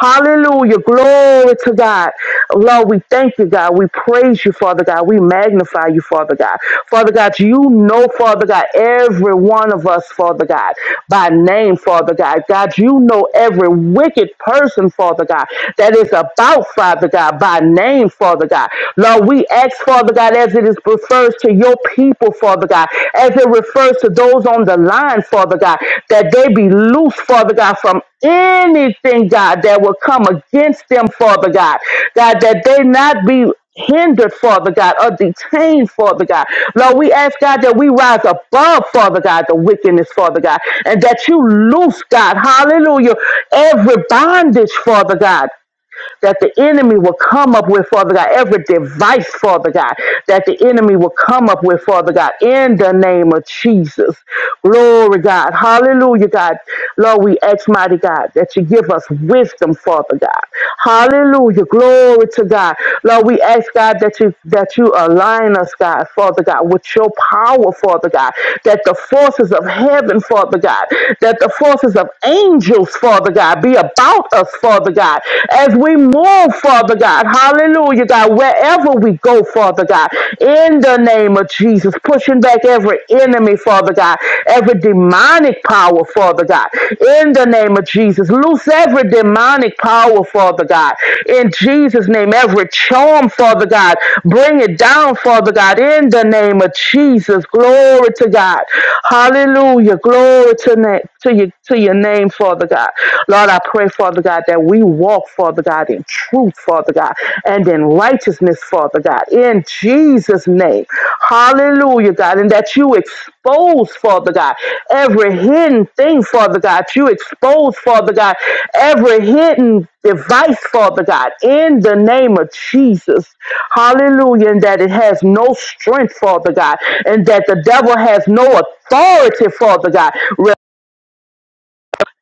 [SPEAKER 4] Hallelujah. Glory to God. Lord, we thank you, God. We praise you, Father God. We magnify you, Father God. Father God, you know, Father God, every one of us, Father God, by name, Father God. God, you know every wicked person, Father God, that is about, Father God, by name, Father God. Lord, we we ask, Father God, as it is refers to your people, Father God, as it refers to those on the line, Father God, that they be loose, Father God, from anything, God, that will come against them, Father God. God, that they not be hindered, Father God, or detained, Father God. Lord, we ask, God, that we rise above, Father God, the wickedness, Father God, and that you loose, God, hallelujah, every bondage, Father God that the enemy will come up with, Father God, every device, Father God, that the enemy will come up with, Father God, in the name of Jesus. Glory, God. Hallelujah, God. Lord, we ask, mighty God, that you give us wisdom, Father God. Hallelujah. Glory to God. Lord, we ask, God, that you that you align us, God, Father God, with your power, Father God, that the forces of heaven, Father God, that the forces of angels, Father God, be about us, Father God, as we move, Father God. Hallelujah, God, wherever we go, Father God, in the name of Jesus, pushing back every enemy, Father God, every demonic power, Father God, in the name of Jesus. Loose every demonic power, Father God, in Jesus' name. Every charm, Father God, bring it down, Father God, in the name of Jesus. Glory to God. Hallelujah. Glory to, na- to, your, to your name, Father. Father God. Lord, I pray, Father God, that we walk, Father God, in truth, Father God, and in righteousness, Father God, in Jesus' name. Hallelujah, God, and that you expose, Father God, every hidden thing, Father God. You expose, Father God, every hidden device, Father God, in the name of Jesus. Hallelujah, and that it has no strength, Father God, and that the devil has no authority, Father God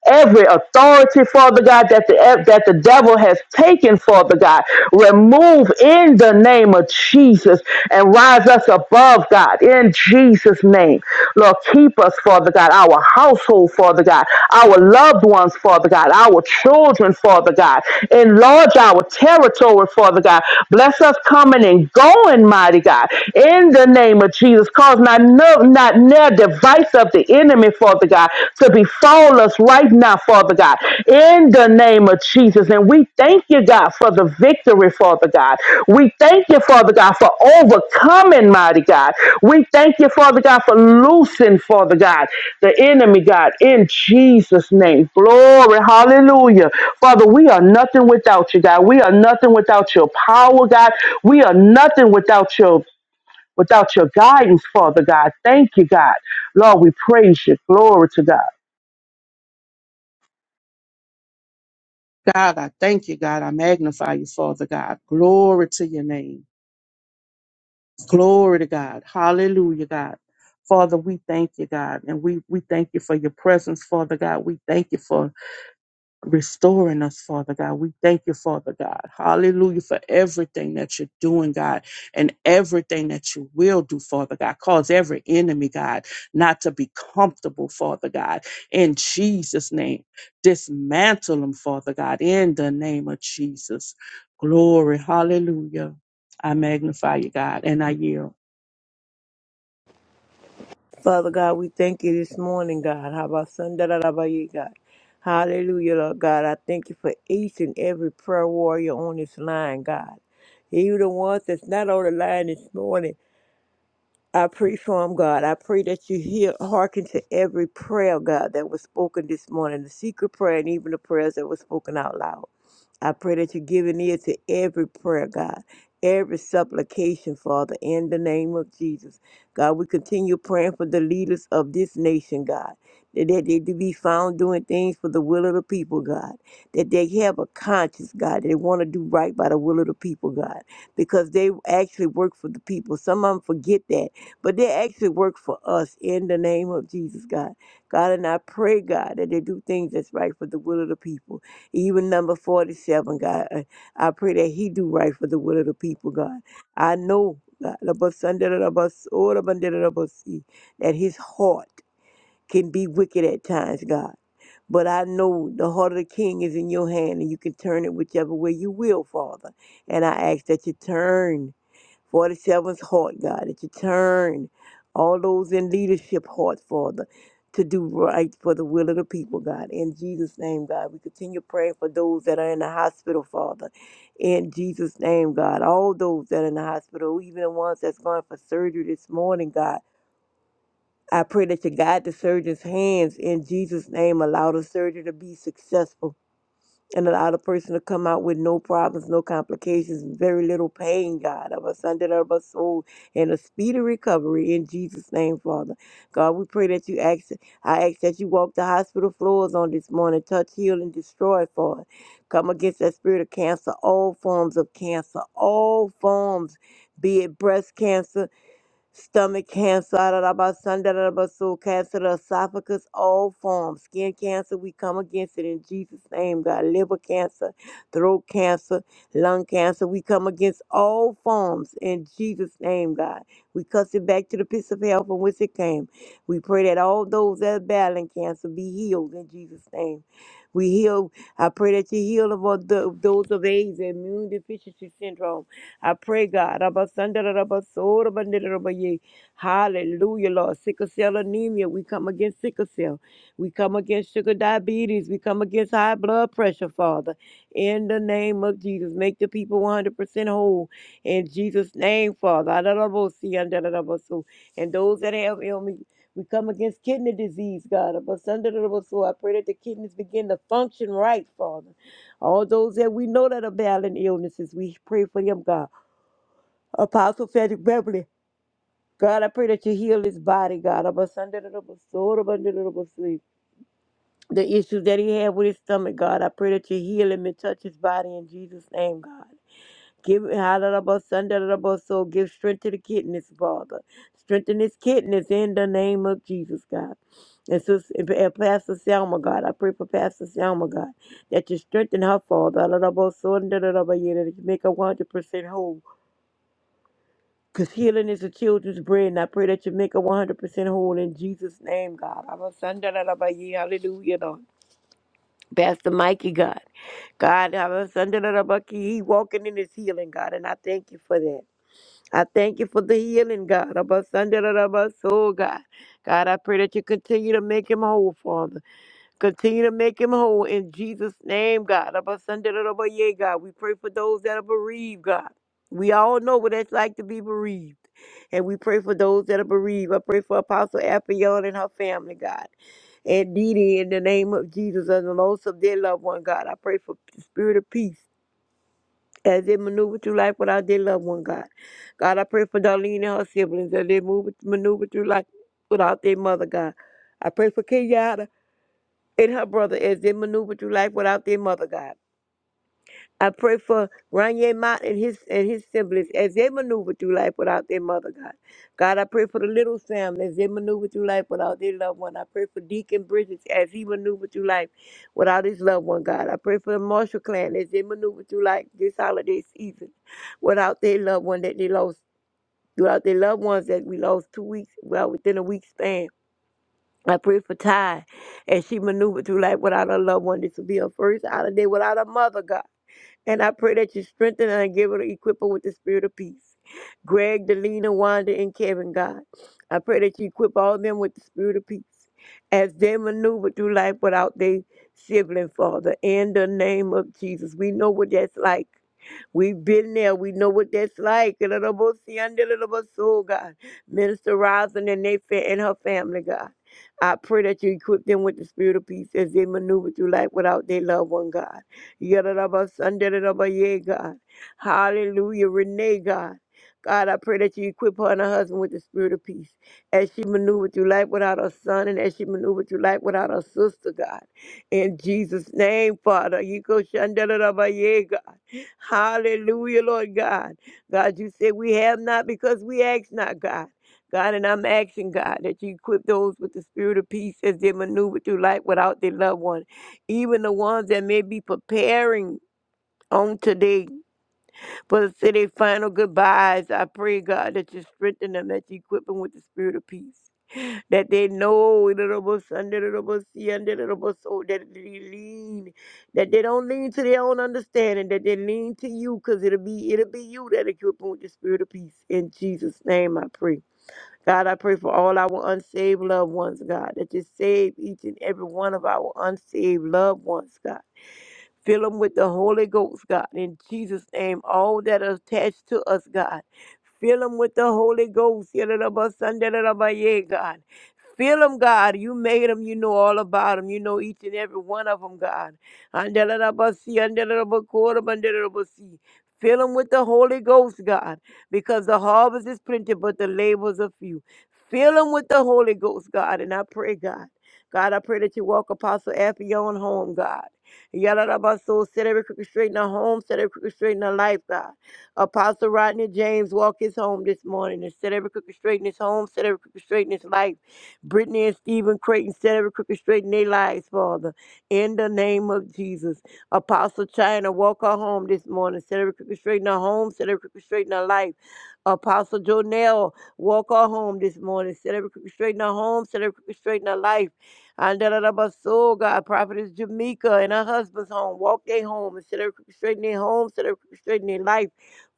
[SPEAKER 4] every authority, Father God, that the eh, that the devil has taken, Father God, remove in the name of Jesus and rise us above, God, in Jesus' name. Lord, keep us, Father God, our household, Father God, our loved ones, Father God, our children, Father God. Enlarge our territory, Father God. Bless us coming and going, mighty God, in the name of Jesus. Cause not, no, not near device of the enemy, Father God, to befall us right now, Father God, in the name of Jesus. And we thank you, God, for the victory, Father God. We thank you, Father God, for overcoming, mighty God. We thank you, Father God, for loosing, Father God, the enemy, God, in Jesus' name. Glory, hallelujah. Father, we are nothing without you, God. We are nothing without your power, God. We are nothing without your without your guidance, Father God. Thank you, God. Lord, we praise you. Glory to God. God, I thank you, God. I magnify you, Father God. Glory to your name. Glory to God. Hallelujah, God. Father, we thank you, God. And we, we thank you for your presence, Father God. We thank you for restoring us, Father God. We thank you, Father God. Hallelujah for everything that you're doing, God, and everything that you will do, Father God. Cause every enemy, God, not to be comfortable, Father God. In Jesus' name, dismantle them, Father God, in the name of Jesus. Glory. Hallelujah. I magnify you, God, and I yield.
[SPEAKER 5] Father God, we thank you this morning, God. How about Sunday, da, da, ba, God? Hallelujah, Lord God. I thank you for each and every prayer warrior on this line, God. You the ones that's not on the line this morning. I pray for him, God. I pray that you hear, hearken to every prayer, God, that was spoken this morning, the secret prayer and even the prayers that were spoken out loud. I pray that you give an ear to every prayer, God, every supplication, Father, in the name of Jesus. God, we continue praying for the leaders of this nation, God, that that they, be found doing things for the will of the people, God, that they have a conscience, God, that they want to do right by the will of the people, God, because they actually work for the people. Some of them forget that but they actually work for us in the name of Jesus, God. God, and I pray, God, that they do things that's right for the will of the people. Even number 47, God, I I pray that he do right for the will of the people, God. I know, God, above sun, da, da, da, above s- all above, da, da, da, above sea, that his heart can be wicked at times, God. But I know the heart of the king is in your hand and you can turn it whichever way you will, Father. And I ask that you turn. 47's heart, God, that you turn all those in leadership heart, Father, to do right for the will of the people, God. In Jesus' name, God, we continue praying for those that are in the hospital, Father. In Jesus' name, God, all those that are in the hospital, even the ones that's going for surgery this morning, God. I pray that you guide the surgeon's hands in Jesus' name. Allow the surgery to be successful and allow the person to come out with no problems, no complications, very little pain, God, of a Sunday of a soul, and a speedy recovery in Jesus' name, Father. God, we pray that you ask, I ask that you walk the hospital floors on this morning, touch, heal, and destroy, Father. Come against that spirit of cancer, all forms of cancer, all forms, be it breast cancer stomach cancer, da, da, da, ba, son, da, da, da, ba, so cancer, the esophagus, all forms. Skin cancer, we come against it in Jesus' name, God. Liver cancer, throat cancer, lung cancer, we come against all forms in Jesus' name, God. We cuss it back to the pits of hell from which it came. We pray that all those that are battling cancer be healed in Jesus' name. We heal. I pray that you heal of all the, those of AIDS, immune deficiency syndrome. I pray, God. Abba, Sanda, da, da, ba, so, da, yea. Hallelujah, Lord. Sickle cell anemia. We come against sickle cell. We come against sugar diabetes. We come against high blood pressure, Father. In the name of Jesus, make the people 100% whole. In Jesus' name, Father. Ah, da, see, ah, da, so. And those that have ailments, we come against kidney disease, God. Abba, Sanda, da, so. I pray that the kidneys begin to function right, Father. All those that we know that are battling illnesses, we pray for them, God. Apostle Frederick Beverly. God, I pray that you heal his body, God. I'm a Sunday, that I'm a soul, I'm under the i sleep. The issues that he had with his stomach, God, I pray that you heal him and touch his body in Jesus' name, God. Give Halalaba Sundalaba soul. Give strength to the kidneys, Father. Strengthen his kidneys in the name of Jesus, God. And, sis, and Pastor Selma, God, I pray for Pastor Selma, God, that you strengthen her, Father. Halalaba Sundalaba, yeah, That you make her 100% whole Because healing is the children's bread, and I pray that you make her 100% whole in Jesus' name, God. Abba, Sanda, da, da, ba, yee, Hallelujah, Lord. Pastor Mikey, God. God, Abba, Sanda, da, da, ba, ki, he walking in his healing, God, and I thank you for that. I thank you for the healing, God. Abba, Sanda, da, da, ba, so, God. God, I pray that you continue to make him whole, Father. Continue to make him whole in Jesus' name, God. Abba, Sunday, da, da, ba, yea, God. We pray for those that are bereaved, God. We all know what it's like to be bereaved. And we pray for those that are bereaved. I pray for Apostle Appion and her family, God. And Didi, in the name of Jesus, and the loss of their loved one, God. I pray for the spirit of peace as they maneuver through life without their loved one, God. God, I pray for Darlene and her siblings as they move, maneuver through life without their mother, God. I pray for Kenyatta and her brother as they maneuver through life without their mother, God. I pray for Ranye Mott and his and his siblings as they maneuver through life without their mother, God. God, I pray for the little Sam as they maneuver through life without their loved one. I pray for Deacon Bridges as he maneuvered through life without his loved one, God. I pray for the Marshall clan as they maneuver through life this holiday season without their loved one that they lost, without their loved ones that we lost two weeks, well, within a week span. I prayed for Ty, and she maneuvered through life without a loved one. This will be her first holiday without a mother, God. And I pray that you strengthen her and give her, equip her with the spirit of peace. Greg, Delina, Wanda, and Kevin, God. I pray that you equip all of them with the spirit of peace as they maneuver through life without their sibling, Father. In the name of Jesus, we know what that's like. We've been there. We know what that's like. Oh, God. Minister Rosin and they fa- and her family, God. I pray that you equip them with the spirit of peace as they maneuver through life without their loved one, God. Yadadabasandaradabaya, God. Hallelujah. Renee, God. God, I pray that you equip her and her husband with the spirit of peace as she maneuvered through life without her son and as she maneuvered through life without her sister, God. In Jesus' name, Father. Yiko Shandalabaye, God. Hallelujah, Lord God. God, you said we have not because we ask not, God. God, and I'm asking God that you equip those with the spirit of peace as they maneuver through life without their loved one, even the ones that may be preparing on today for the city final goodbyes. I pray, God, that you strengthen them, that you equip them with the spirit of peace that they know it little under the little under the little soul that they lean that they don't lean to their own understanding that they lean to you because it'll be it'll be you that equip them with the spirit of peace in jesus name i pray god i pray for all our unsaved loved ones god that you save each and every one of our unsaved loved ones god Fill them with the Holy Ghost, God, in Jesus' name. All that are attached to us, God. Fill them with the Holy Ghost. Yadadabasandabaye, God. Fill them, God. You made them. You know all about them. You know each and every one of them, God. Andalabasi, andalabakora, bandalabasi. Fill them with the Holy Ghost, God, because the harvest is plenty, but the labors are few. Fill them with the Holy Ghost, God, and I pray, God. God, I pray that you walk Apostle Affion home, God. Yadadabaso, set every crooked straight in her home, set every crooked straight in her life, God. Apostle Rodney James, walk his home this morning and set every crooked straight in his home, set every crooked straight in his life. Brittany and Stephen Creighton, set every crooked straight in their lives, Father. In the name of Jesus. Apostle China, walk her home this morning, set every crooked straight in her home, set every crooked straight in her life. Apostle Jonell, walk her home this morning, set every crooked straight in her home, set every crooked straight in her life. And da da da Andarabaso, God, Prophetess Jamaica and her husband's home. Walk their home instead of straightening their home, instead of straightening their life.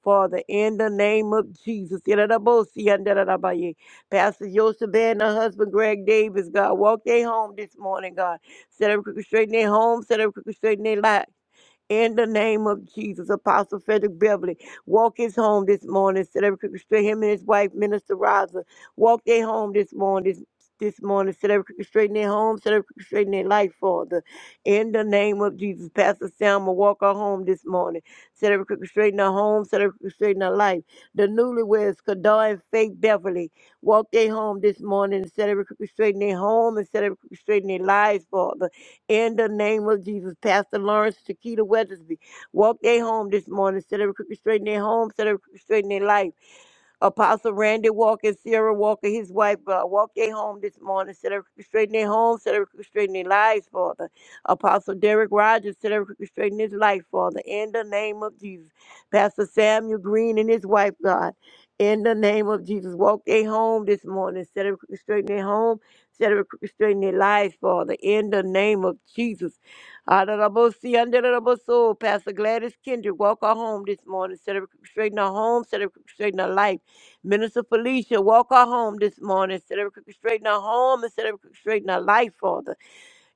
[SPEAKER 5] Father, in the name of Jesus. da da da bo si, and da da da Yadadabosi, ye. Pastor Joseph and her husband Greg Davis, God, walk their home this morning, God. Set up straightening their home, set up straightening their life. In the name of Jesus, Apostle Frederick Beverly, walk his home this morning. Celebrity Cricket Straight, him and his wife, Minister Rosa, walk their home this morning. This, this morning, celebrity Cricket Straight in their home, celebrity Cricket Straight in their life, Father. In the name of Jesus, Pastor Selma, walk her home this morning. Celebrity Cricket Straight in her home, celebrity Cricket Straight in her life. The newlyweds, Kadar and Faith Beverly, walk their home this morning. Celebrity Cricket Straight in their home and celebrity Cricket Straight their lives, Father in the name of Jesus, Pastor Lawrence Shakita Weathersby, walk their home this morning. Set every crooked straight in their home. Set every crooked straight in their life. Apostle Randy Walker, Sarah Walker, his wife, God, walk their home this morning. Set every straighten their home, set every straighten their lives, Father. Apostle Derek Rogers, set every straighten his life, Father. In the name of Jesus. Pastor Samuel Green and his wife, God. In the name of Jesus, walk their home this morning. Set every straighten their home, set every straighten their lives, Father. In the name of Jesus. Honorable C, honorable soul, Pastor Gladys Kendrick, walk her home this morning. Set her straighten her home, set her straighten her life. Minister Felicia, walk our home this morning. Set every crooked straight in our home and set every crooked straight in our life, Father.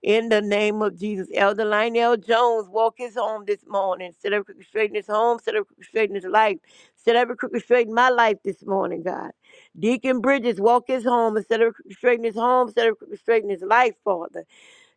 [SPEAKER 5] In the name of Jesus. Elder Lionel Jones, walk his home this morning. Set every crooked straight in his home. Set every crooked straight in his life. Set every crooked straight in my life this morning, God. Deacon Bridges, walk his home and set every crooked straight in his home. Set every crooked straight in his life, Father.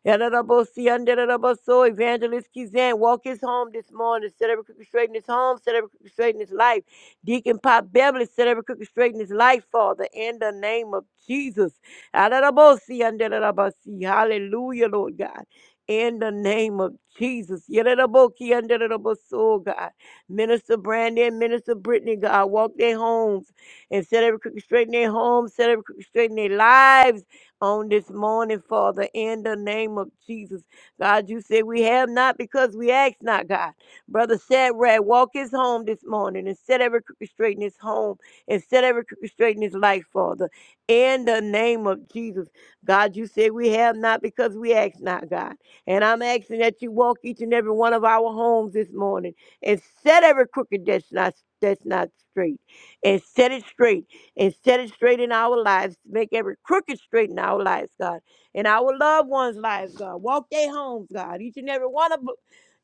[SPEAKER 5] Yadadabosi, yandadadaboso. Evangelist Kizan, walk his home this morning. Set every crooked straight in his home. Set every crooked straight in his life. Deacon Pop Beverly, set every crooked straight in his life, Father, in the name of Jesus. Yadadabosi, yandadadabasi. Hallelujah, Lord God. In the name of Jesus. Yadadaboki, yandadadaboso, God. Minister Brandon, Minister Brittany, God, walk their homes and set every crooked straight in their homes, set every crooked straight in their lives on this morning, Father, in the name of Jesus. God, you said we have not because we ask not, God. Brother Shadrach, walk his home this morning and set every crooked straight in his home and set every crooked straight in his life, Father, in the name of Jesus. God, you said we have not because we ask not, God. And I'm asking that you walk each and every one of our homes this morning and set every crooked that's not that's not straight and set it straight and set it straight in our lives. Make every crooked straight in our lives, God. In our loved ones' lives, God. Walk their homes, God. Each and every one of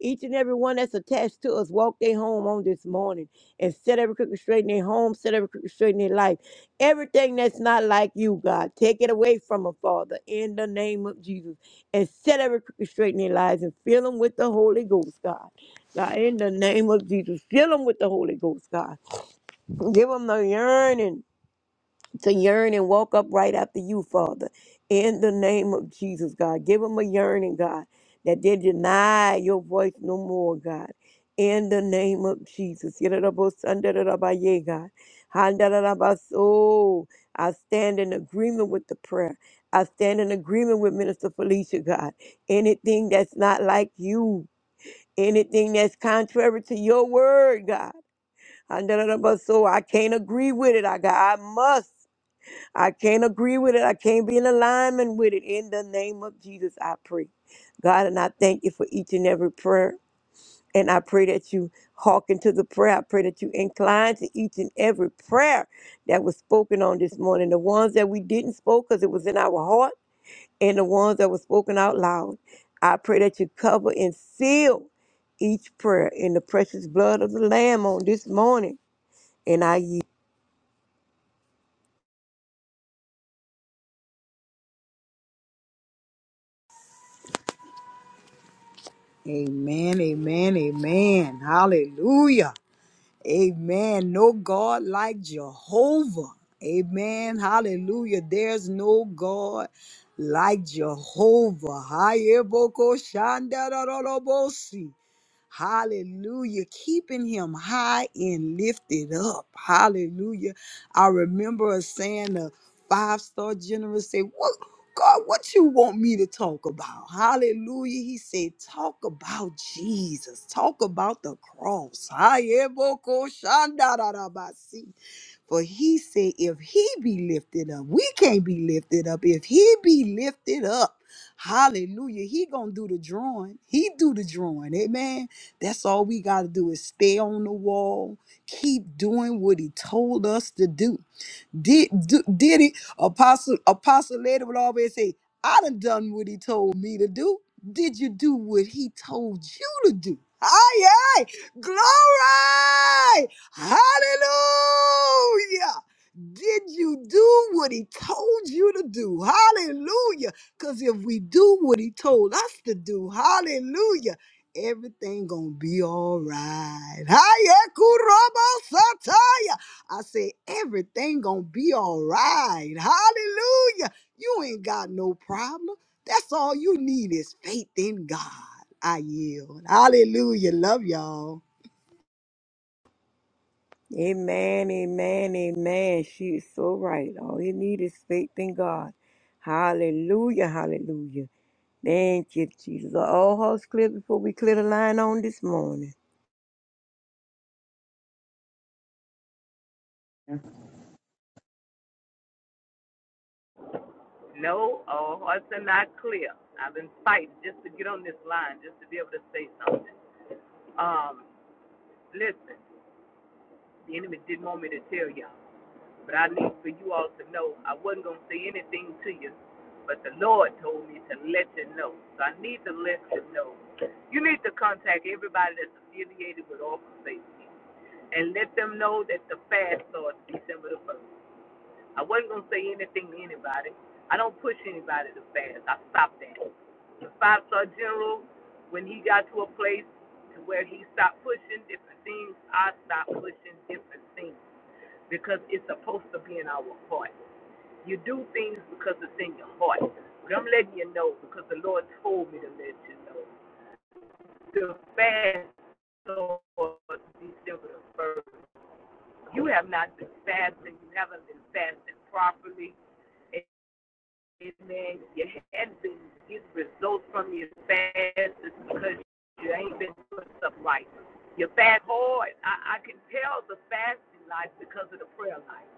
[SPEAKER 5] each and every one that's attached to us, walk their home on this morning and set every crooked straight in their home, set every crooked straight in their life. Everything that's not like you, God, take it away from them, Father, in the name of Jesus. And set every crooked straight in their lives and fill them with the Holy Ghost, God. God, in the name of Jesus, fill them with the Holy Ghost, God. Give them the yearning to yearn and walk up right after you, Father. In the name of Jesus, God. Give them a yearning, God, that they deny your voice no more, God. In the name of Jesus. Yidda-da-bo-sun-da-da-da-ba-yay, God. Han-da-da-da-ba-so. I stand in agreement with the prayer. I stand in agreement with Minister Felicia, God. Anything that's not like you, anything that's contrary to your word, God. Han-da-da-da-ba-so. I can't agree with it. I, God, I must. I can't agree with it. I can't be in alignment with it. In the name of Jesus, I pray. God, and I thank you for each and every prayer. And I pray that you hearken to the prayer. I pray that you incline to each and every prayer that was spoken on this morning. The ones that we didn't spoke because it was in our heart, and the ones that were spoken out loud. I pray that you cover and seal each prayer in the precious blood of the Lamb on this morning. And I yield.
[SPEAKER 3] Amen, amen, amen. Hallelujah. Amen. No God like Jehovah. Amen. Hallelujah. There's no God like Jehovah. Hayeboko shandarorobosi. Hallelujah. Keeping him high and lifted up. Hallelujah. I remember us saying the five star general said, What God, what you want me to talk about? Hallelujah. He said, Talk about Jesus. Talk about the cross. Ayeboko shandarabasi. For he said, if he be lifted up, we can't be lifted up. If he be lifted up, hallelujah, he gonna do the drawing. He do the drawing, amen. That's all we gotta do is stay on the wall, keep doing what he told us to do. Did do, did it? Apostle Apostle Lady would always say, I done done what he told me to do. Did you do what he told you to do? Aye, aye. Glory! Hallelujah. Did you do what he told you to do? Hallelujah. Because if we do what he told us to do, hallelujah, everything gonna be all right. Hiya, kurobo sataya. I say everything gonna be all right. Hallelujah. You ain't got no problem. That's all you need is faith in God. I yield. Hallelujah. Love y'all.
[SPEAKER 5] Amen, amen, amen. She is so right. All you need is faith in God. Hallelujah, hallelujah. Thank you, Jesus. Are all house clear before we clear the line on this morning?
[SPEAKER 2] No, our hearts are not clear. I've been fighting just to get on this line, just to be able to say something. Um, listen, the enemy didn't want me to tell y'all. But I need for you all to know I wasn't going to say anything to you, but the Lord told me to let you know. So I need to let you know. You need to contact everybody that's affiliated with Office Safety and let them know that the fast starts December the 1st. I wasn't gonna say anything to anybody. I don't push anybody to fast. I stopped that. The five star general, when he got to a place to where he stopped pushing different things, I stopped pushing different things because it's supposed to be in our heart. You do things because it's in your heart. But I'm letting you know because the Lord told me to let you know. The fast Lord, December the first. You have not been fasting. You haven't been fasting properly Amen. You haven't been getting results from your fast because you ain't been doing stuff right. You fast hard. I, I can tell the fasting life because of the prayer life.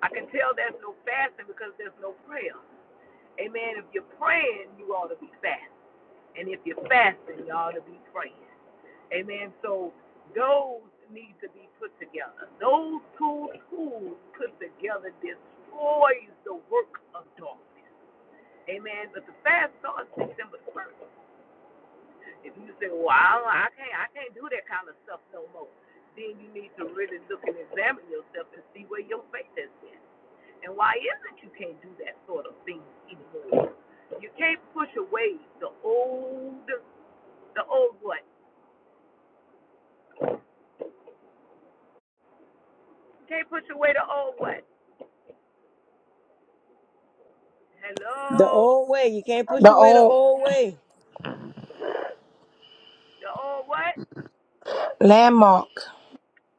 [SPEAKER 2] I can tell there's no fasting because there's no prayer. Amen. If you're praying, you ought to be fasting. And if you're fasting, you ought to be praying. Amen. So those need to be put together. Those two tools put together destroys the work of darkness. Amen. But the fast starts December the first. If you say, "Well, I, I can't, I can't do that kind of stuff no more," then you need to really look and examine yourself and see where your faith is in, and why is it you can't do that sort of thing anymore? You can't push away the old, the old what? You can't push away the old what?
[SPEAKER 5] The
[SPEAKER 2] Hello,
[SPEAKER 5] old way. You can't push away the old way.
[SPEAKER 2] the what?
[SPEAKER 1] Mark.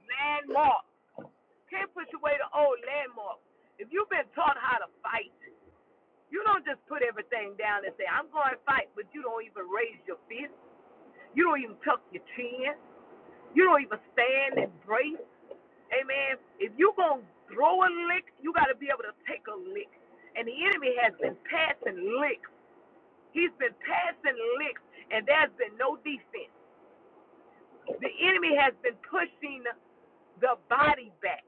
[SPEAKER 2] Landmark. Can't push away the old landmark. If you've been taught how to fight You don't just put everything down and say, I'm going to fight, but you don't even raise your fist. You don't even tuck your chin. You don't even stand and brace. Amen. If you going to throw a lick, you got to be able to take a lick. And the enemy has been passing licks. He's been passing licks, and there's been no defense. The enemy has been pushing the body back.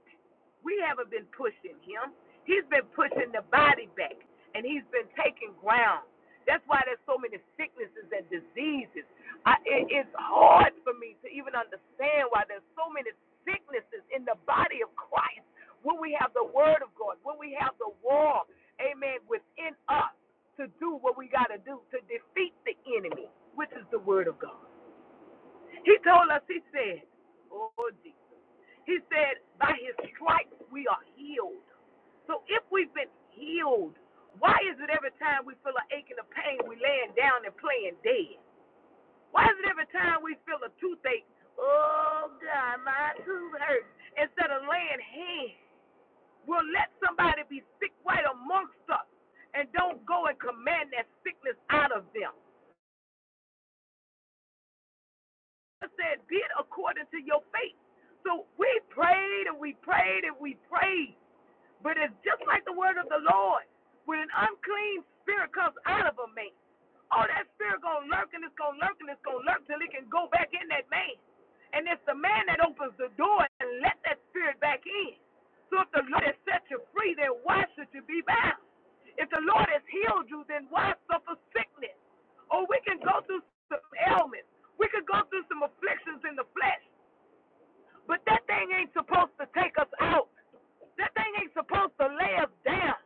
[SPEAKER 2] We haven't been pushing him. He's been pushing the body back, and he's been taking ground. That's why there's so many sicknesses and diseases. I, it, it's hard for me to even understand why there's so many sicknesses in the body of Christ when we have the Word of God, when we have the war, amen, within us to do what we got to do to defeat the enemy, which is the Word of God. He told us, he said, oh, Jesus. He said, by his stripes we are healed. So if we've been healed, why is it every time we feel a ache and a pain, we laying down and playing dead? Why is it every time we feel a toothache, oh, God, my tooth hurts, instead of laying hands? We'll let somebody be sick right amongst us and don't go and command that sickness out of them. said, "Be it according to your faith." So we prayed and we prayed and we prayed, but it's just like the word of the Lord. When an unclean spirit comes out of a man, oh, that spirit gonna lurk and it's gonna lurk and it's gonna lurk till it can go back in that man. And it's the man that opens the door and let that spirit back in. So if the Lord has set you free, then why should you be bound? If the Lord has healed you, then why suffer sickness? or we can go through some ailments. We could go through some afflictions in the flesh, but that thing ain't supposed to take us out. That thing ain't supposed to lay us down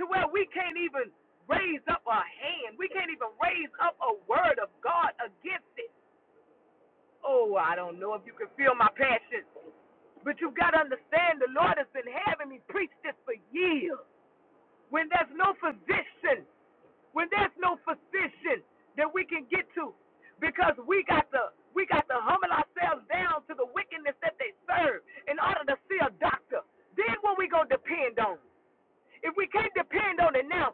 [SPEAKER 2] to where we can't even raise up a hand. We can't even raise up a word of God against it. Oh, I don't know if you can feel my passion, but you've got to understand the Lord has been having me preach this for years. When there's no physician, when there's no physician that we can get to, because we got to we got to humble ourselves down to the wickedness that they serve in order to see a doctor. Then what we gonna depend on? If we can't depend on it now,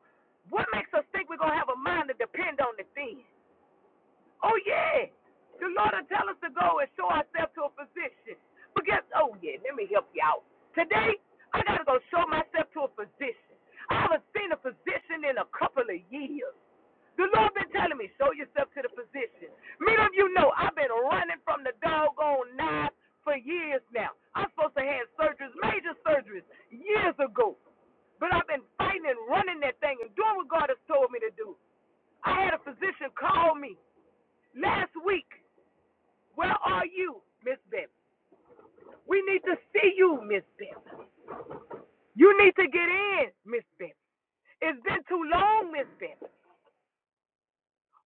[SPEAKER 2] what makes us think we're gonna have a mind to depend on it then? Oh yeah. The Lord will tell us to go and show ourselves to a physician. But guess oh yeah, let me help you out. Today I gotta go show myself to a physician. I haven't seen a physician in a couple of years. The Lord been telling me, show yourself to the physician. Many of you know I've been running from the doggone knife for years now. I'm supposed to have surgeries, major surgeries, years ago. But I've been fighting and running that thing and doing what God has told me to do. I had a physician call me. Last week, where are you, Miss Bip? We need to see you, Miss Bip. You need to get in, Miss Bip. It's been too long, Miss Bip.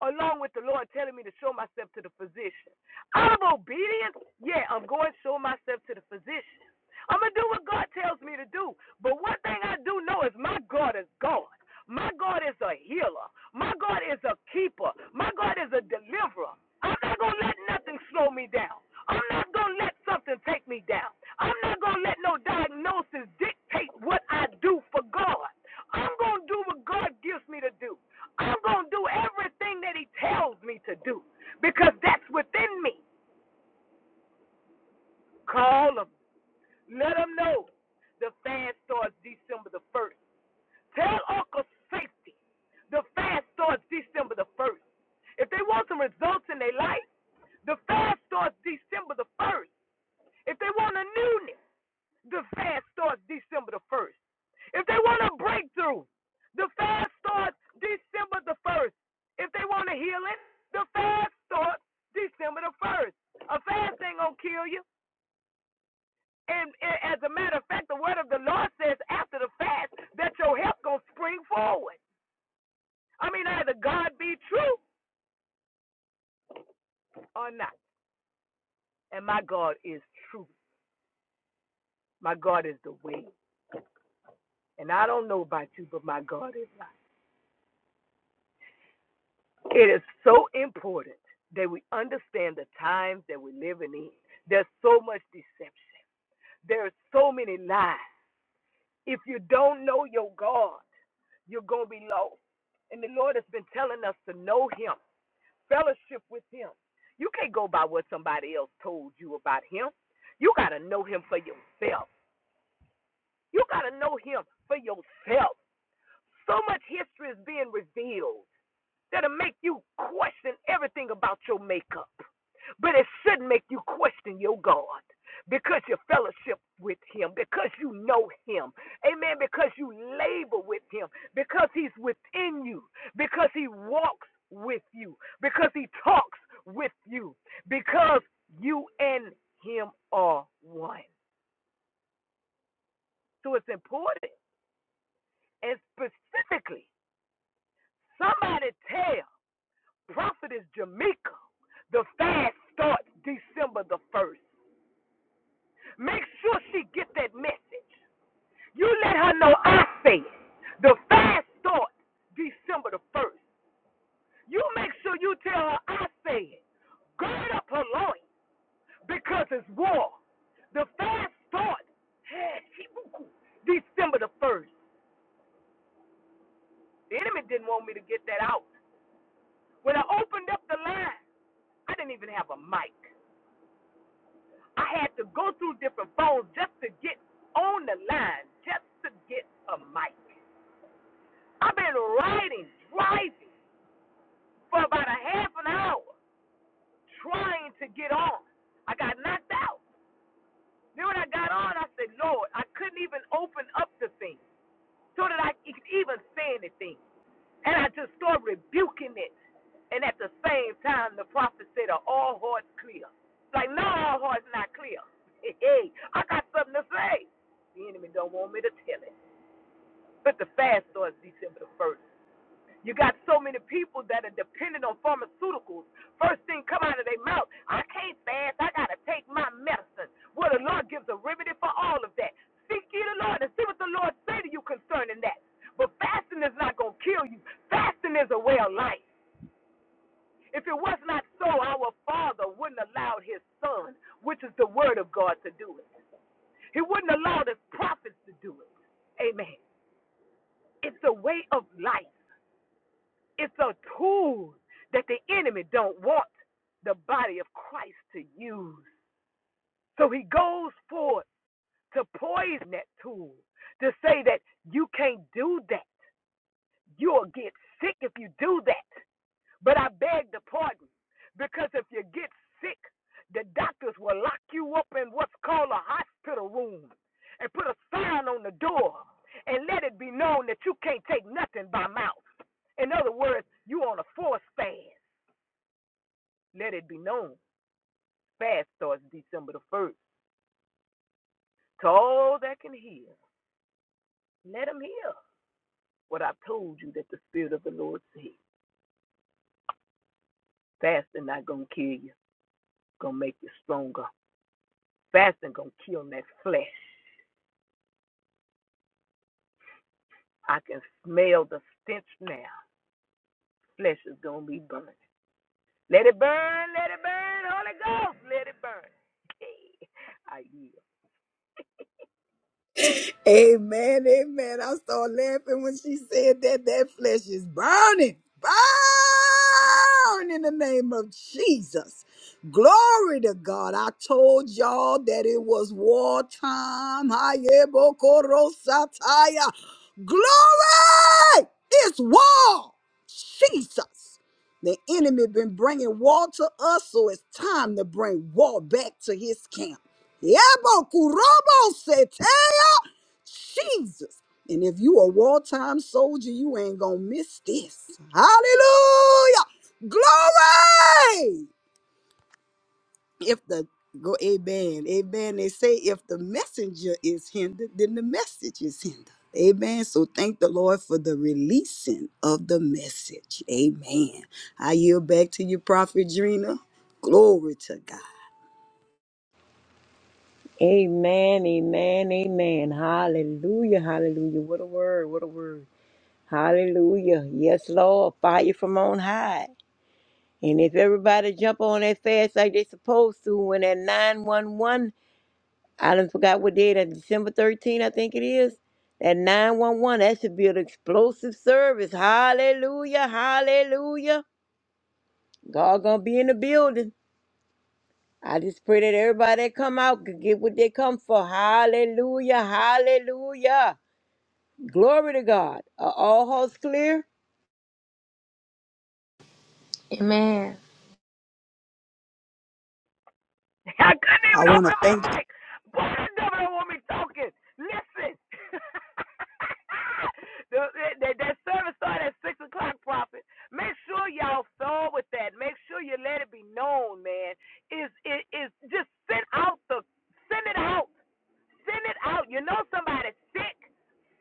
[SPEAKER 2] Along with the Lord telling me to show myself to the physician. Out of obedience, yeah, I'm going to show myself to the physician. I'm going to do what God tells me to do. But one thing I do know is my God is God. My God is a healer. My God is a keeper. My God is a deliverer. I'm not going to let nothing slow me down. I'm not going to let something take me down. I'm not going to let no diagnosis dictate what I do for God. I'm going to do what God gives me to do. I'm going to do everything that He tells me to do because that's within me. Call them. Let them know. The fast starts December the 1st. Tell Uncle Safety. The fast starts December the 1st. If they want some results in their life, the fast starts December the 1st. If they want a newness, the fast starts December the 1st. If they want a breakthrough, the fast starts December the 1st. If they want a healing, the fast starts December the 1st. A fast ain't going to kill you. And, and as a matter of fact, the word of the Lord says after the fast that your help going to spring forward. I mean, either God be true or not. And my God is true. My God is the way. And I don't know about you, but my God is not. It is so important that we understand the times that we're living in. There's so much deception. There are so many lies. If you don't know your God, you're going to be lost. And the Lord has been telling us to know Him, fellowship with Him. You can't go by what somebody else told you about Him. You got to know Him for yourself. You got to know Him for yourself. So much history is being revealed that'll make you question everything about your makeup. But it shouldn't make you question your God because you fellowship with Him, because you know Him. Amen. Because you labor with Him, because He's within you, because He walks with you, because He talks with you, because you and Him are one. So it's important. And specifically, somebody tell Prophetess Jamaica the fast starts December the 1st. Make sure she get that message. You let her know I say it. The fast starts December the 1st. You make sure you tell her I say it. Gird up her loins because it's war. The fast starts hey, December the 1st. The enemy didn't want me to get that out. When I opened up the line, I didn't even have a mic. I had to go through different phones just to get on the line, just to get a mic. I've been riding, driving. for about a half an hour trying to get on. I got knocked out. Then when I got on, I said, Lord, I couldn't even open up the thing so that I could even say anything. And I just started rebuking it. And at the same time, the prophet said, Are all hearts clear? Like, no, all hearts not clear. Hey, hey, I got something to say. The enemy don't want me to tell it. But the fast starts December the 1st. You got so many people that are dependent on pharmaceuticals. First thing come out of their mouth, I can't fast, I gotta take my medicine. Well, the Lord gives a remedy for all of that. Seek ye the Lord and see what the Lord say to you concerning that. But fasting is not gonna kill you. Fasting is a way of life. If it was not so, our Father wouldn't allow His Son, which is the Word of God, to do it. He wouldn't allow His prophets to do it. Amen. It's a way of life. It's a tool that the enemy don't want the body of Christ to use. So he goes forth to poison that tool, to say that you can't do that. You'll get sick if you do that. But I beg the pardon, because if you get sick, the doctors will lock you up in what's called a hospital room and put a sign on the door and let it be known that you can't take nothing by mouth. In other words, you on a force fast. Let it be known. Fast starts December the 1st. To all that can hear, let them hear what I've told you that the Spirit of the Lord said. Fasting not going to kill you, going to make you stronger. Fasting going to kill that flesh. I can smell the stench now. Flesh is going to be burning. Let it burn, let it burn, Holy Ghost, let it burn. I yield.
[SPEAKER 3] Amen, amen. I started laughing when she said that that flesh is burning. Burn in the name of Jesus. Glory to God. I told y'all that it was wartime. Hayebokorosataya. Glory! It's war. Jesus. The enemy been bringing war to us, so it's time to bring war back to his camp. Yebokuroboseteya. Jesus. And if you a wartime soldier, you ain't gonna miss this. Hallelujah. Glory. If the go amen. Amen. They say if the messenger is hindered, then the message is hindered. Amen. So thank the Lord for the releasing of the message. Amen. I yield back to you, Prophet Drina. Glory to God.
[SPEAKER 5] Amen, amen, amen. Hallelujah, hallelujah. What a word, what a word. Hallelujah. Yes, Lord, fire from on high. And if everybody jump on that fast like they supposed to when that 911 I done forgot what day that December thirteenth, I think it is. That 911, that should be an explosive service. Hallelujah, hallelujah. God gonna be in the building. I just pray that everybody that come out could get what they come for. Hallelujah, hallelujah. Glory to God. Are all hearts clear?
[SPEAKER 2] I couldn't
[SPEAKER 3] I
[SPEAKER 2] even
[SPEAKER 3] want to
[SPEAKER 2] open my
[SPEAKER 3] thank.
[SPEAKER 2] mic. Boy, the devil want me talking. Listen. the, that, that service started at 6 o'clock, Prophet. Make sure y'all sow with that. Make sure you let it be known, man. Is it is just send out the send it out. Send it out. You know somebody sick,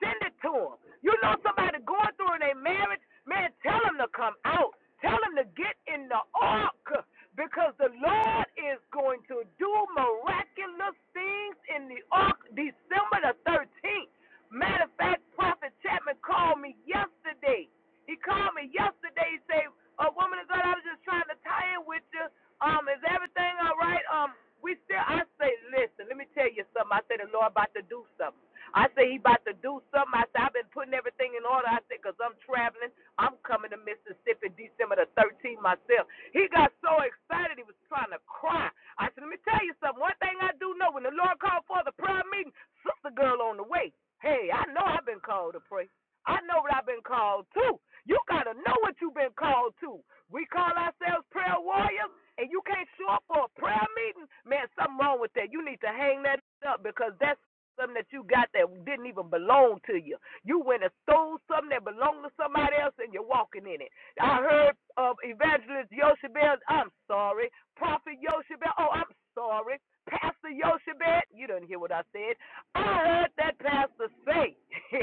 [SPEAKER 2] send it to them. You know somebody going through in their marriage, man, tell them to come out. Tell them to get in the ark because the Lord is going to do miraculous things in the ark December the 13th. Matter of fact, Prophet Chapman called me yesterday. He called me yesterday. He said, A woman of God, I was just trying to trying to tie in with you. Um, is everything all right? Um, we still. I say, listen. Let me tell you something. I say the Lord about to do something. I say he about to do something. I say I've been putting everything in order. I said because I'm traveling. I'm coming to Mississippi December the 13th myself. He got so excited he was trying to cry. I said, let me tell you something. One thing thing I do know, when the Lord called for the prayer meeting, sister girl on the way. Hey, I know I've been called to pray. I know what I've been called to. You gotta know what you've been called to. We call ourselves prayer warriors, and you can't show up for a prayer meeting. Man, something wrong with that. You need to hang that up because that's something that you got that didn't even belong to you. You went and stole something that belonged to somebody else, and you're walking in it. I heard of Evangelist Yoshebel. I'm sorry. Prophet Yoshebel. Oh, I'm sorry. Pastor Yoshebel. You didn't hear what I said. I heard that pastor say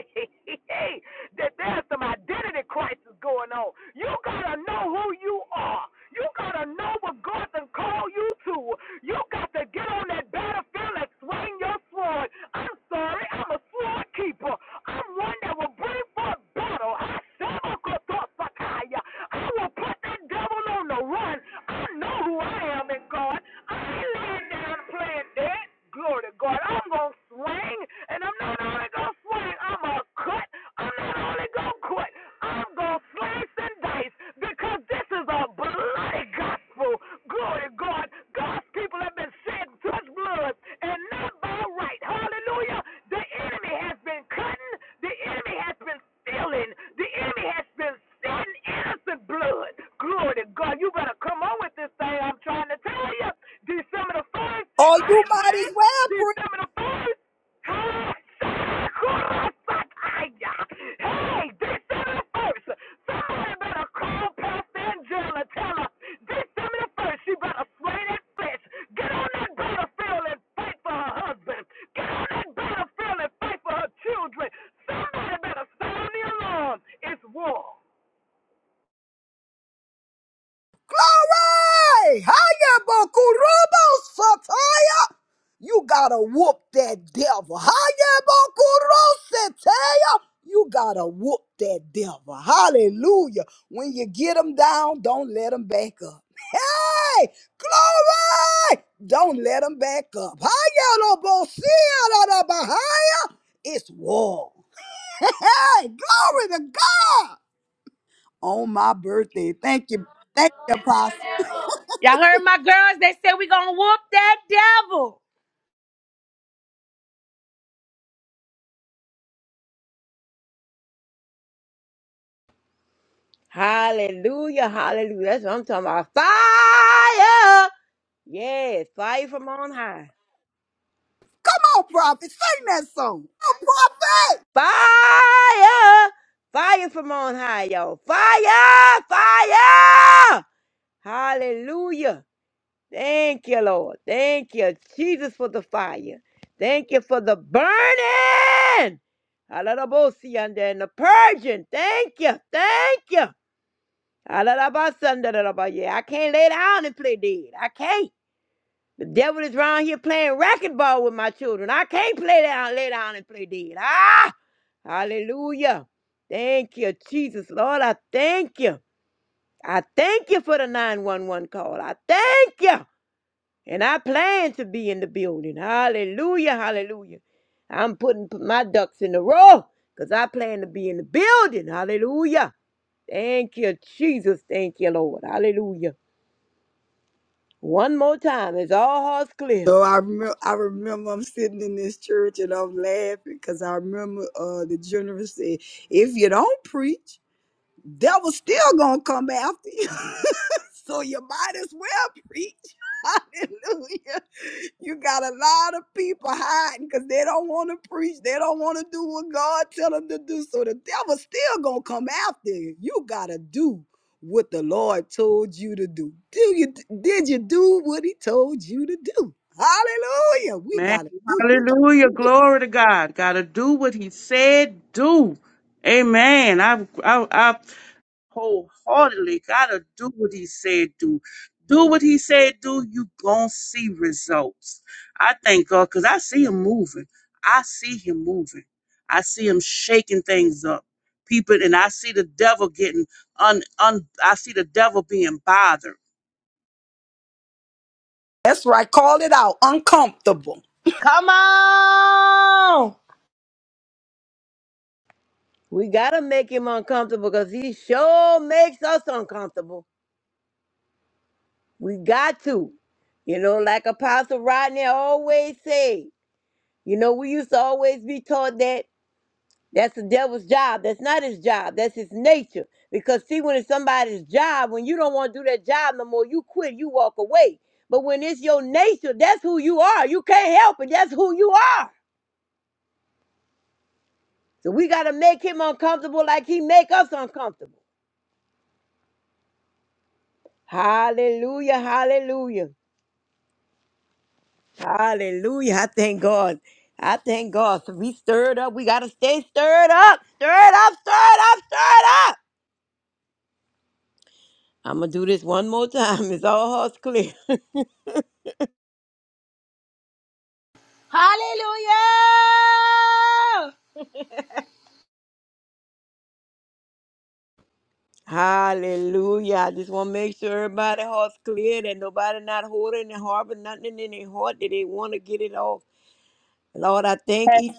[SPEAKER 2] that there's some identity crisis going on. You gotta know who you are. You gotta know what God can call you to. You got to get on that battlefield and swing your sword. I'm sorry, I'm a sword keeper. I'm one that will bring forth battle. I shall go to Sakaya. I will put that devil on the run. I know who I am in God. I ain't lying sit down and play a dance, Glory to God. I'm going to swing, and I'm not only going to swing, I'm going to cut. I'm not only going to cut, I'm going to slice and dice because this is a bloody gospel. Glory to God. God's people have been shed such blood, and not by right. Hallelujah. The enemy has been cutting, the enemy has been stealing, the enemy has been sending innocent blood. Glory to God. You better better come on with this thing. I'm trying to tell you. December the 1st,
[SPEAKER 3] Oh,
[SPEAKER 2] I
[SPEAKER 3] you
[SPEAKER 2] ain't
[SPEAKER 3] might as
[SPEAKER 2] playing.
[SPEAKER 3] well
[SPEAKER 2] December the 1st, Hey, December the 1st, somebody better call Pastor Angela and tell her December the 1st, she better slay that fish. Get on that battlefield and fight for her husband. Get on that battlefield and fight for her children. Somebody better sound the alarm. It's war.
[SPEAKER 3] Hey, hiya, Bokurobo Sataya. You gotta whoop that devil. Hiya, Bokuro Sataya. You gotta whoop that devil. Hallelujah. When you get them down, don't let them back up. Hey, glory! Don't let them back up. Hiya, Lobosia, Bahia. It's war. Hey, glory to God. On my birthday. Thank you. Thank you, Apostle.
[SPEAKER 1] Y'all heard my girls? They said we gonna whoop that devil.
[SPEAKER 5] Hallelujah, hallelujah. That's what I'm talking about. Fire! Yes, fire from on high.
[SPEAKER 3] Come on, prophet, sing that song. Come on, prophet.
[SPEAKER 5] Fire! Fire from on high, y'all. Fire! Fire! Hallelujah. Thank you, Lord. Thank you, Jesus, for the fire. Thank you for the burning. Hallelujah. And the purging. Thank you. Thank you. Hallelujah. Yeah, I can't lay down and play dead. I can't. The devil is around here playing racquetball with my children. I can't play down, lay down and play dead. Ah, hallelujah. Thank you, Jesus. Lord, I thank you. I thank you for the 911 call. I thank you. And I plan to be in the building. Hallelujah, hallelujah. I'm putting p- my ducks in a row because I plan to be in the building. Hallelujah. Thank you, Jesus. Thank you, Lord. Hallelujah. One more time. It's all hearts clear.
[SPEAKER 3] So I remember, I remember I'm sitting in this church and I'm laughing because I remember uh, the general said, "If you don't preach, devil's still gonna come after you." So you might as well preach. Hallelujah. You got a lot of people hiding because they don't want to preach. They don't want to do what God tell them to do. So the devil's still gonna come after you. You gotta do what the Lord told you to do. Do you did you do what he told you to do? Hallelujah. We gotta do.
[SPEAKER 4] Hallelujah. Glory to God. Do what he said
[SPEAKER 3] That's right. Call it out. Uncomfortable.
[SPEAKER 1] Come on!
[SPEAKER 5] We gotta make him uncomfortable because he sure makes us uncomfortable. We got to. You know, like Apostle Rodney always said, you know, we used to always be taught that that's the devil's job. That's not his job. That's his nature. Because see, when it's somebody's job, when you don't want to do that job no more, you quit, you walk away. But when it's your nature, that's who you are. You can't help it. That's who you are. So we gotta make him uncomfortable like he make us uncomfortable. Hallelujah, hallelujah. Hallelujah. I thank God. I thank God. So we stirred up. We got to stay stirred up. Stirred up, stirred up, stirred up. I'm going to do this one more time. It's all hearts clear.
[SPEAKER 1] Hallelujah!
[SPEAKER 5] Hallelujah. I just want to make sure everybody heart's clear that nobody not holding and harboring nothing in their heart that they want to get it off. Lord, I thank you.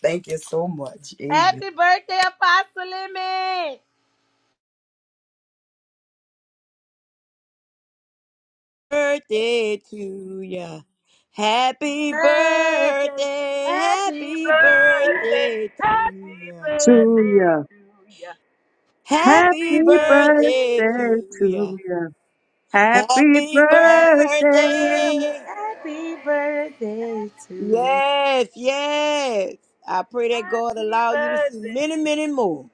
[SPEAKER 3] Thank you so much. Amen.
[SPEAKER 1] Happy birthday, Apostle Emmett.
[SPEAKER 5] Birthday to ya. Happy
[SPEAKER 1] Birthday,
[SPEAKER 5] birthday.
[SPEAKER 2] Happy
[SPEAKER 5] Happy
[SPEAKER 1] happy,
[SPEAKER 2] birthday,
[SPEAKER 5] birthday to
[SPEAKER 2] happy
[SPEAKER 5] ya.
[SPEAKER 2] birthday to ya. Happy
[SPEAKER 5] Happy
[SPEAKER 2] birthday,
[SPEAKER 5] birthday to ya. Happy
[SPEAKER 2] happy
[SPEAKER 5] birthday.
[SPEAKER 2] birthday,
[SPEAKER 1] happy birthday to you.
[SPEAKER 5] Yes, yes. I pray that God
[SPEAKER 2] happy
[SPEAKER 5] allow you to see many,
[SPEAKER 2] birthday.
[SPEAKER 5] many more.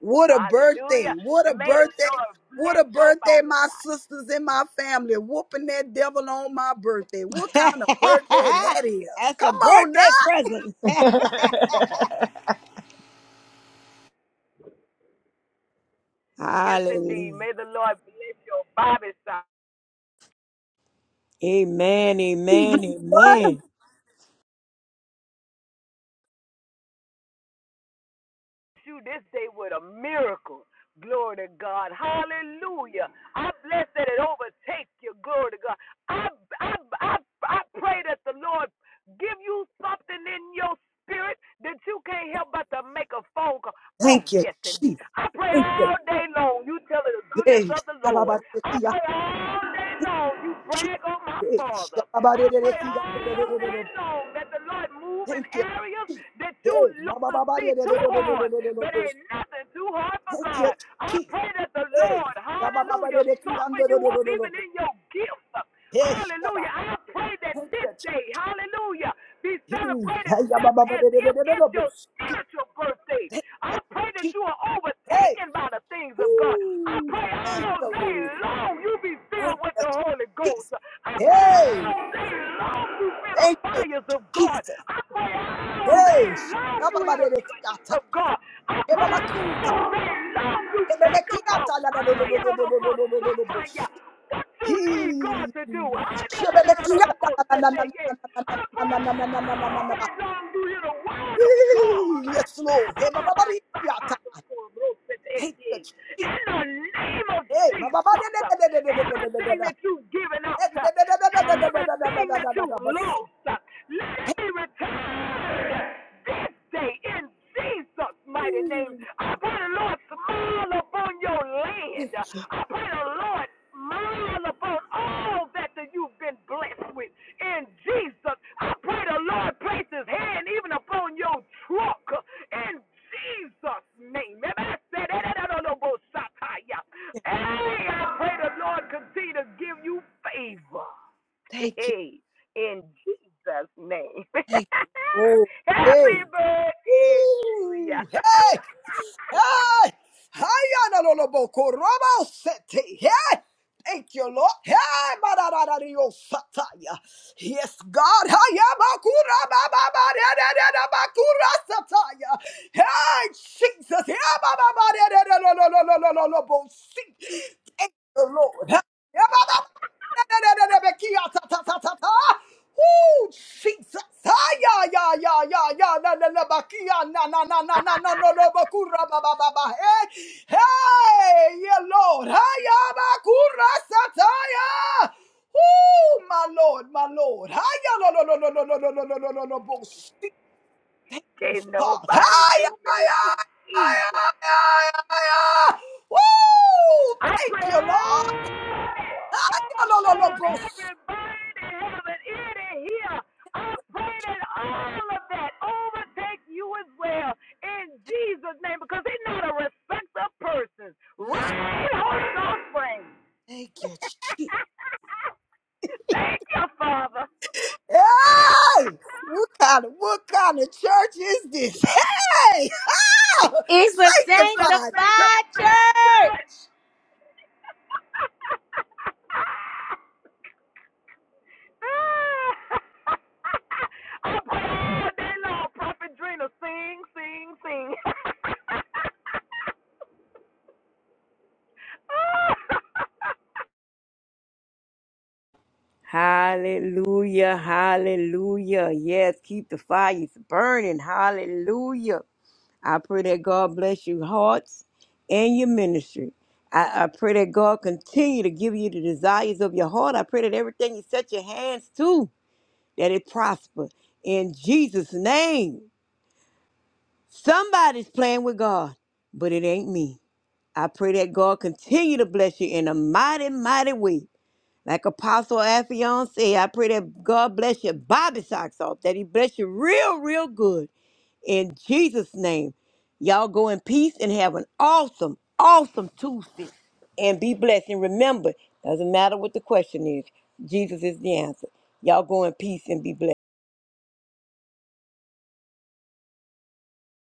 [SPEAKER 3] What a birthday.
[SPEAKER 2] Hallelujah.
[SPEAKER 3] What a
[SPEAKER 2] And may the
[SPEAKER 3] birthday.
[SPEAKER 2] Lord
[SPEAKER 3] What
[SPEAKER 2] bless
[SPEAKER 3] a
[SPEAKER 2] your
[SPEAKER 3] birthday,
[SPEAKER 2] Bobby
[SPEAKER 3] my
[SPEAKER 2] side.
[SPEAKER 3] sisters and my family whooping that devil on my birthday. What kind of birthday that is?
[SPEAKER 5] That's a
[SPEAKER 3] Come on now.
[SPEAKER 5] birthday present.
[SPEAKER 2] Yes, indeed.
[SPEAKER 5] Hallelujah.
[SPEAKER 2] May the Lord bless your Bobby side.
[SPEAKER 5] Amen, amen, amen.
[SPEAKER 2] you this day with a miracle. Glory to God. Hallelujah. I bless that it overtake you. Glory to God. I, I, I, I pray that the Lord give you something in your spirit that you can't help but to make a phone call. Oh,
[SPEAKER 3] Thank you,
[SPEAKER 2] yes,
[SPEAKER 3] Jesus.
[SPEAKER 2] indeed. I pray
[SPEAKER 3] Thank you.
[SPEAKER 2] all day long. You tell of the goodness
[SPEAKER 3] Hey,
[SPEAKER 2] of the Lord. I
[SPEAKER 3] shabba-ba-de-de-de-ya.
[SPEAKER 2] pray all day long. You brag on my
[SPEAKER 3] Hey,
[SPEAKER 2] father. I pray all day
[SPEAKER 3] shabba-ba-de-de-de-de-ya.
[SPEAKER 2] long that the Lord. Lord move in
[SPEAKER 3] Thank you.
[SPEAKER 2] areas
[SPEAKER 3] Jesus.
[SPEAKER 2] that you
[SPEAKER 3] Hey,
[SPEAKER 2] look to see too hard, but
[SPEAKER 3] ba-ba-ba-ba-de-de-de-de-de-de-de-de-de-de.
[SPEAKER 2] ain't nothing too hard for
[SPEAKER 3] Thank you,
[SPEAKER 2] God. I
[SPEAKER 3] Jesus.
[SPEAKER 2] pray that the
[SPEAKER 3] Hey,
[SPEAKER 2] Lord, hallelujah, soften you up even
[SPEAKER 3] shabba-ba-ba-de-de-de-de-de-de-de-de.
[SPEAKER 2] in your gifts.
[SPEAKER 3] Hey, shabba.
[SPEAKER 2] Hallelujah. I pray that this day, hallelujah, be celebrated
[SPEAKER 3] Hey, ya ba
[SPEAKER 2] just
[SPEAKER 3] ba ba
[SPEAKER 2] as
[SPEAKER 3] de de de
[SPEAKER 2] if
[SPEAKER 3] de de de
[SPEAKER 2] it's
[SPEAKER 3] bo-
[SPEAKER 2] your
[SPEAKER 3] shi-
[SPEAKER 2] spiritual birthday.
[SPEAKER 3] Hey,
[SPEAKER 2] I
[SPEAKER 3] eh,
[SPEAKER 2] pray that
[SPEAKER 3] shi-
[SPEAKER 2] you are
[SPEAKER 3] hey.
[SPEAKER 2] overtaken by the things of God. I
[SPEAKER 3] Ooh,
[SPEAKER 2] pray
[SPEAKER 3] thank
[SPEAKER 2] all
[SPEAKER 3] you,
[SPEAKER 2] day
[SPEAKER 3] Lord.
[SPEAKER 2] long you be filled
[SPEAKER 3] Thank
[SPEAKER 2] with
[SPEAKER 3] you,
[SPEAKER 2] the Holy Ghost.
[SPEAKER 3] Jesus.
[SPEAKER 2] I pray
[SPEAKER 3] Hey,
[SPEAKER 2] all day long you hear the
[SPEAKER 3] thank you,
[SPEAKER 2] fires of God.
[SPEAKER 3] Jesus.
[SPEAKER 2] I pray all
[SPEAKER 3] Hey,
[SPEAKER 2] day long
[SPEAKER 3] ya ba
[SPEAKER 2] you
[SPEAKER 3] ba
[SPEAKER 2] hear the
[SPEAKER 3] de de
[SPEAKER 2] goodness
[SPEAKER 3] kiata.
[SPEAKER 2] of God. I
[SPEAKER 3] Hey, ba
[SPEAKER 2] pray
[SPEAKER 3] ba kuta.
[SPEAKER 2] all day long you
[SPEAKER 3] Hey, be be
[SPEAKER 2] think about
[SPEAKER 3] kiata la da do do
[SPEAKER 2] I
[SPEAKER 3] do do
[SPEAKER 2] don't
[SPEAKER 3] do
[SPEAKER 2] know
[SPEAKER 3] do do
[SPEAKER 2] God,
[SPEAKER 3] do do do
[SPEAKER 2] stop
[SPEAKER 3] do
[SPEAKER 2] by
[SPEAKER 3] bo-
[SPEAKER 2] ya.
[SPEAKER 3] shi-
[SPEAKER 2] What you
[SPEAKER 3] Hey,
[SPEAKER 2] need God to do. I don't know,
[SPEAKER 3] she
[SPEAKER 2] no,
[SPEAKER 3] be be
[SPEAKER 2] no, no, no,
[SPEAKER 3] kiata
[SPEAKER 2] go
[SPEAKER 3] la
[SPEAKER 2] sit
[SPEAKER 3] la la la
[SPEAKER 2] there, yeah.
[SPEAKER 3] la la
[SPEAKER 2] I pray
[SPEAKER 3] la la la la la la la la la
[SPEAKER 2] all
[SPEAKER 3] la.
[SPEAKER 2] day long you hear the word of God.
[SPEAKER 3] Hey,
[SPEAKER 2] I
[SPEAKER 3] Yes, Lord. Hey, ba ba ba de kiata. Thank you, Jesus.
[SPEAKER 2] in the name of
[SPEAKER 3] Hey, ba-
[SPEAKER 2] Jesus, everything that you've given
[SPEAKER 3] Hey,
[SPEAKER 2] out, Everything that you lost, let it
[SPEAKER 3] Hey,
[SPEAKER 2] be returned this day in Jesus' mighty name. I pray the Lord smile upon your land.
[SPEAKER 3] Thank you,
[SPEAKER 2] I pray the Lord smile upon all that that you've been blessed with. In Jesus, I pray the Lord place his hand even upon your truck. In Jesus' name. And I said, "Eh, eh, eh, no, no, bo- sataya." Hey, I pray the Lord continue to give you favor.
[SPEAKER 3] thank you,
[SPEAKER 2] Hey, in Jesus' name.
[SPEAKER 3] thank you. Oh,
[SPEAKER 2] Happy
[SPEAKER 3] hey,
[SPEAKER 2] birthday to ya.
[SPEAKER 3] ooh, hey. I I am a lobo corobo city. Hey, thank you Lord. Hey, marararirios sataya. Yes, God. I am a corobo cora sataya. Hey, Jesus. I am a lobo corobo city. Thank you Lord. Ooh, Jesus. Ah, yeah, yeah, yeah, yeah, yeah. Na, na, na, ba, kia, na, na, na, na, na, na, no, no, ba, kura, ba, ba, ba, ba. Hey, hey, yeah, Lord. Ah, yeah, ba, kura, sataya. Ooh, my Lord, my Lord. Ah, yeah, no, no, no, no, no, no, no, no, no, no, no, no. Seek you,
[SPEAKER 2] Can't
[SPEAKER 3] Father.
[SPEAKER 2] nobody
[SPEAKER 3] Ah, yeah,
[SPEAKER 2] do me like
[SPEAKER 3] yeah, yeah, yeah,
[SPEAKER 2] Jesus.
[SPEAKER 3] yeah, yeah. Woo!
[SPEAKER 2] I
[SPEAKER 3] Thank
[SPEAKER 2] pray
[SPEAKER 3] you, Lord.
[SPEAKER 2] all this overflow on
[SPEAKER 3] Ayalololobos.
[SPEAKER 2] everybody that have an ear to hear. I pray that all of that overtake you as well in Jesus' name because he's not a respecter of persons.
[SPEAKER 3] Yes,
[SPEAKER 2] Right, Holy Ghost, friend.
[SPEAKER 3] thank you. Je-
[SPEAKER 2] Thank you, Father.
[SPEAKER 3] Hey, what kind of what kind of church is this? Hey,
[SPEAKER 1] It's a
[SPEAKER 2] it's a
[SPEAKER 3] sanctified
[SPEAKER 2] sacred
[SPEAKER 1] sanctified
[SPEAKER 2] man touch.
[SPEAKER 1] church.
[SPEAKER 2] I put all day long, Prophet Drina, sing, sing, sing.
[SPEAKER 5] Hallelujah, hallelujah. Yes, keep the fires burning. Hallelujah. I pray that God bless your hearts and your ministry. I, I pray that God continue to give you the desires of your heart. I pray that everything you set your hands to, that it prosper. In Jesus' name. Somebody's playing with God, but it ain't me. I pray that God continue to bless you in a mighty, mighty way. Like Apostle Affion said, I pray that God bless your Bobby socks off, that He bless you real, real good. In Jesus' name, y'all go in peace and have an awesome, awesome Tuesday and be blessed. And remember, doesn't matter what the question is, Jesus is the answer. Y'all go in peace and be blessed.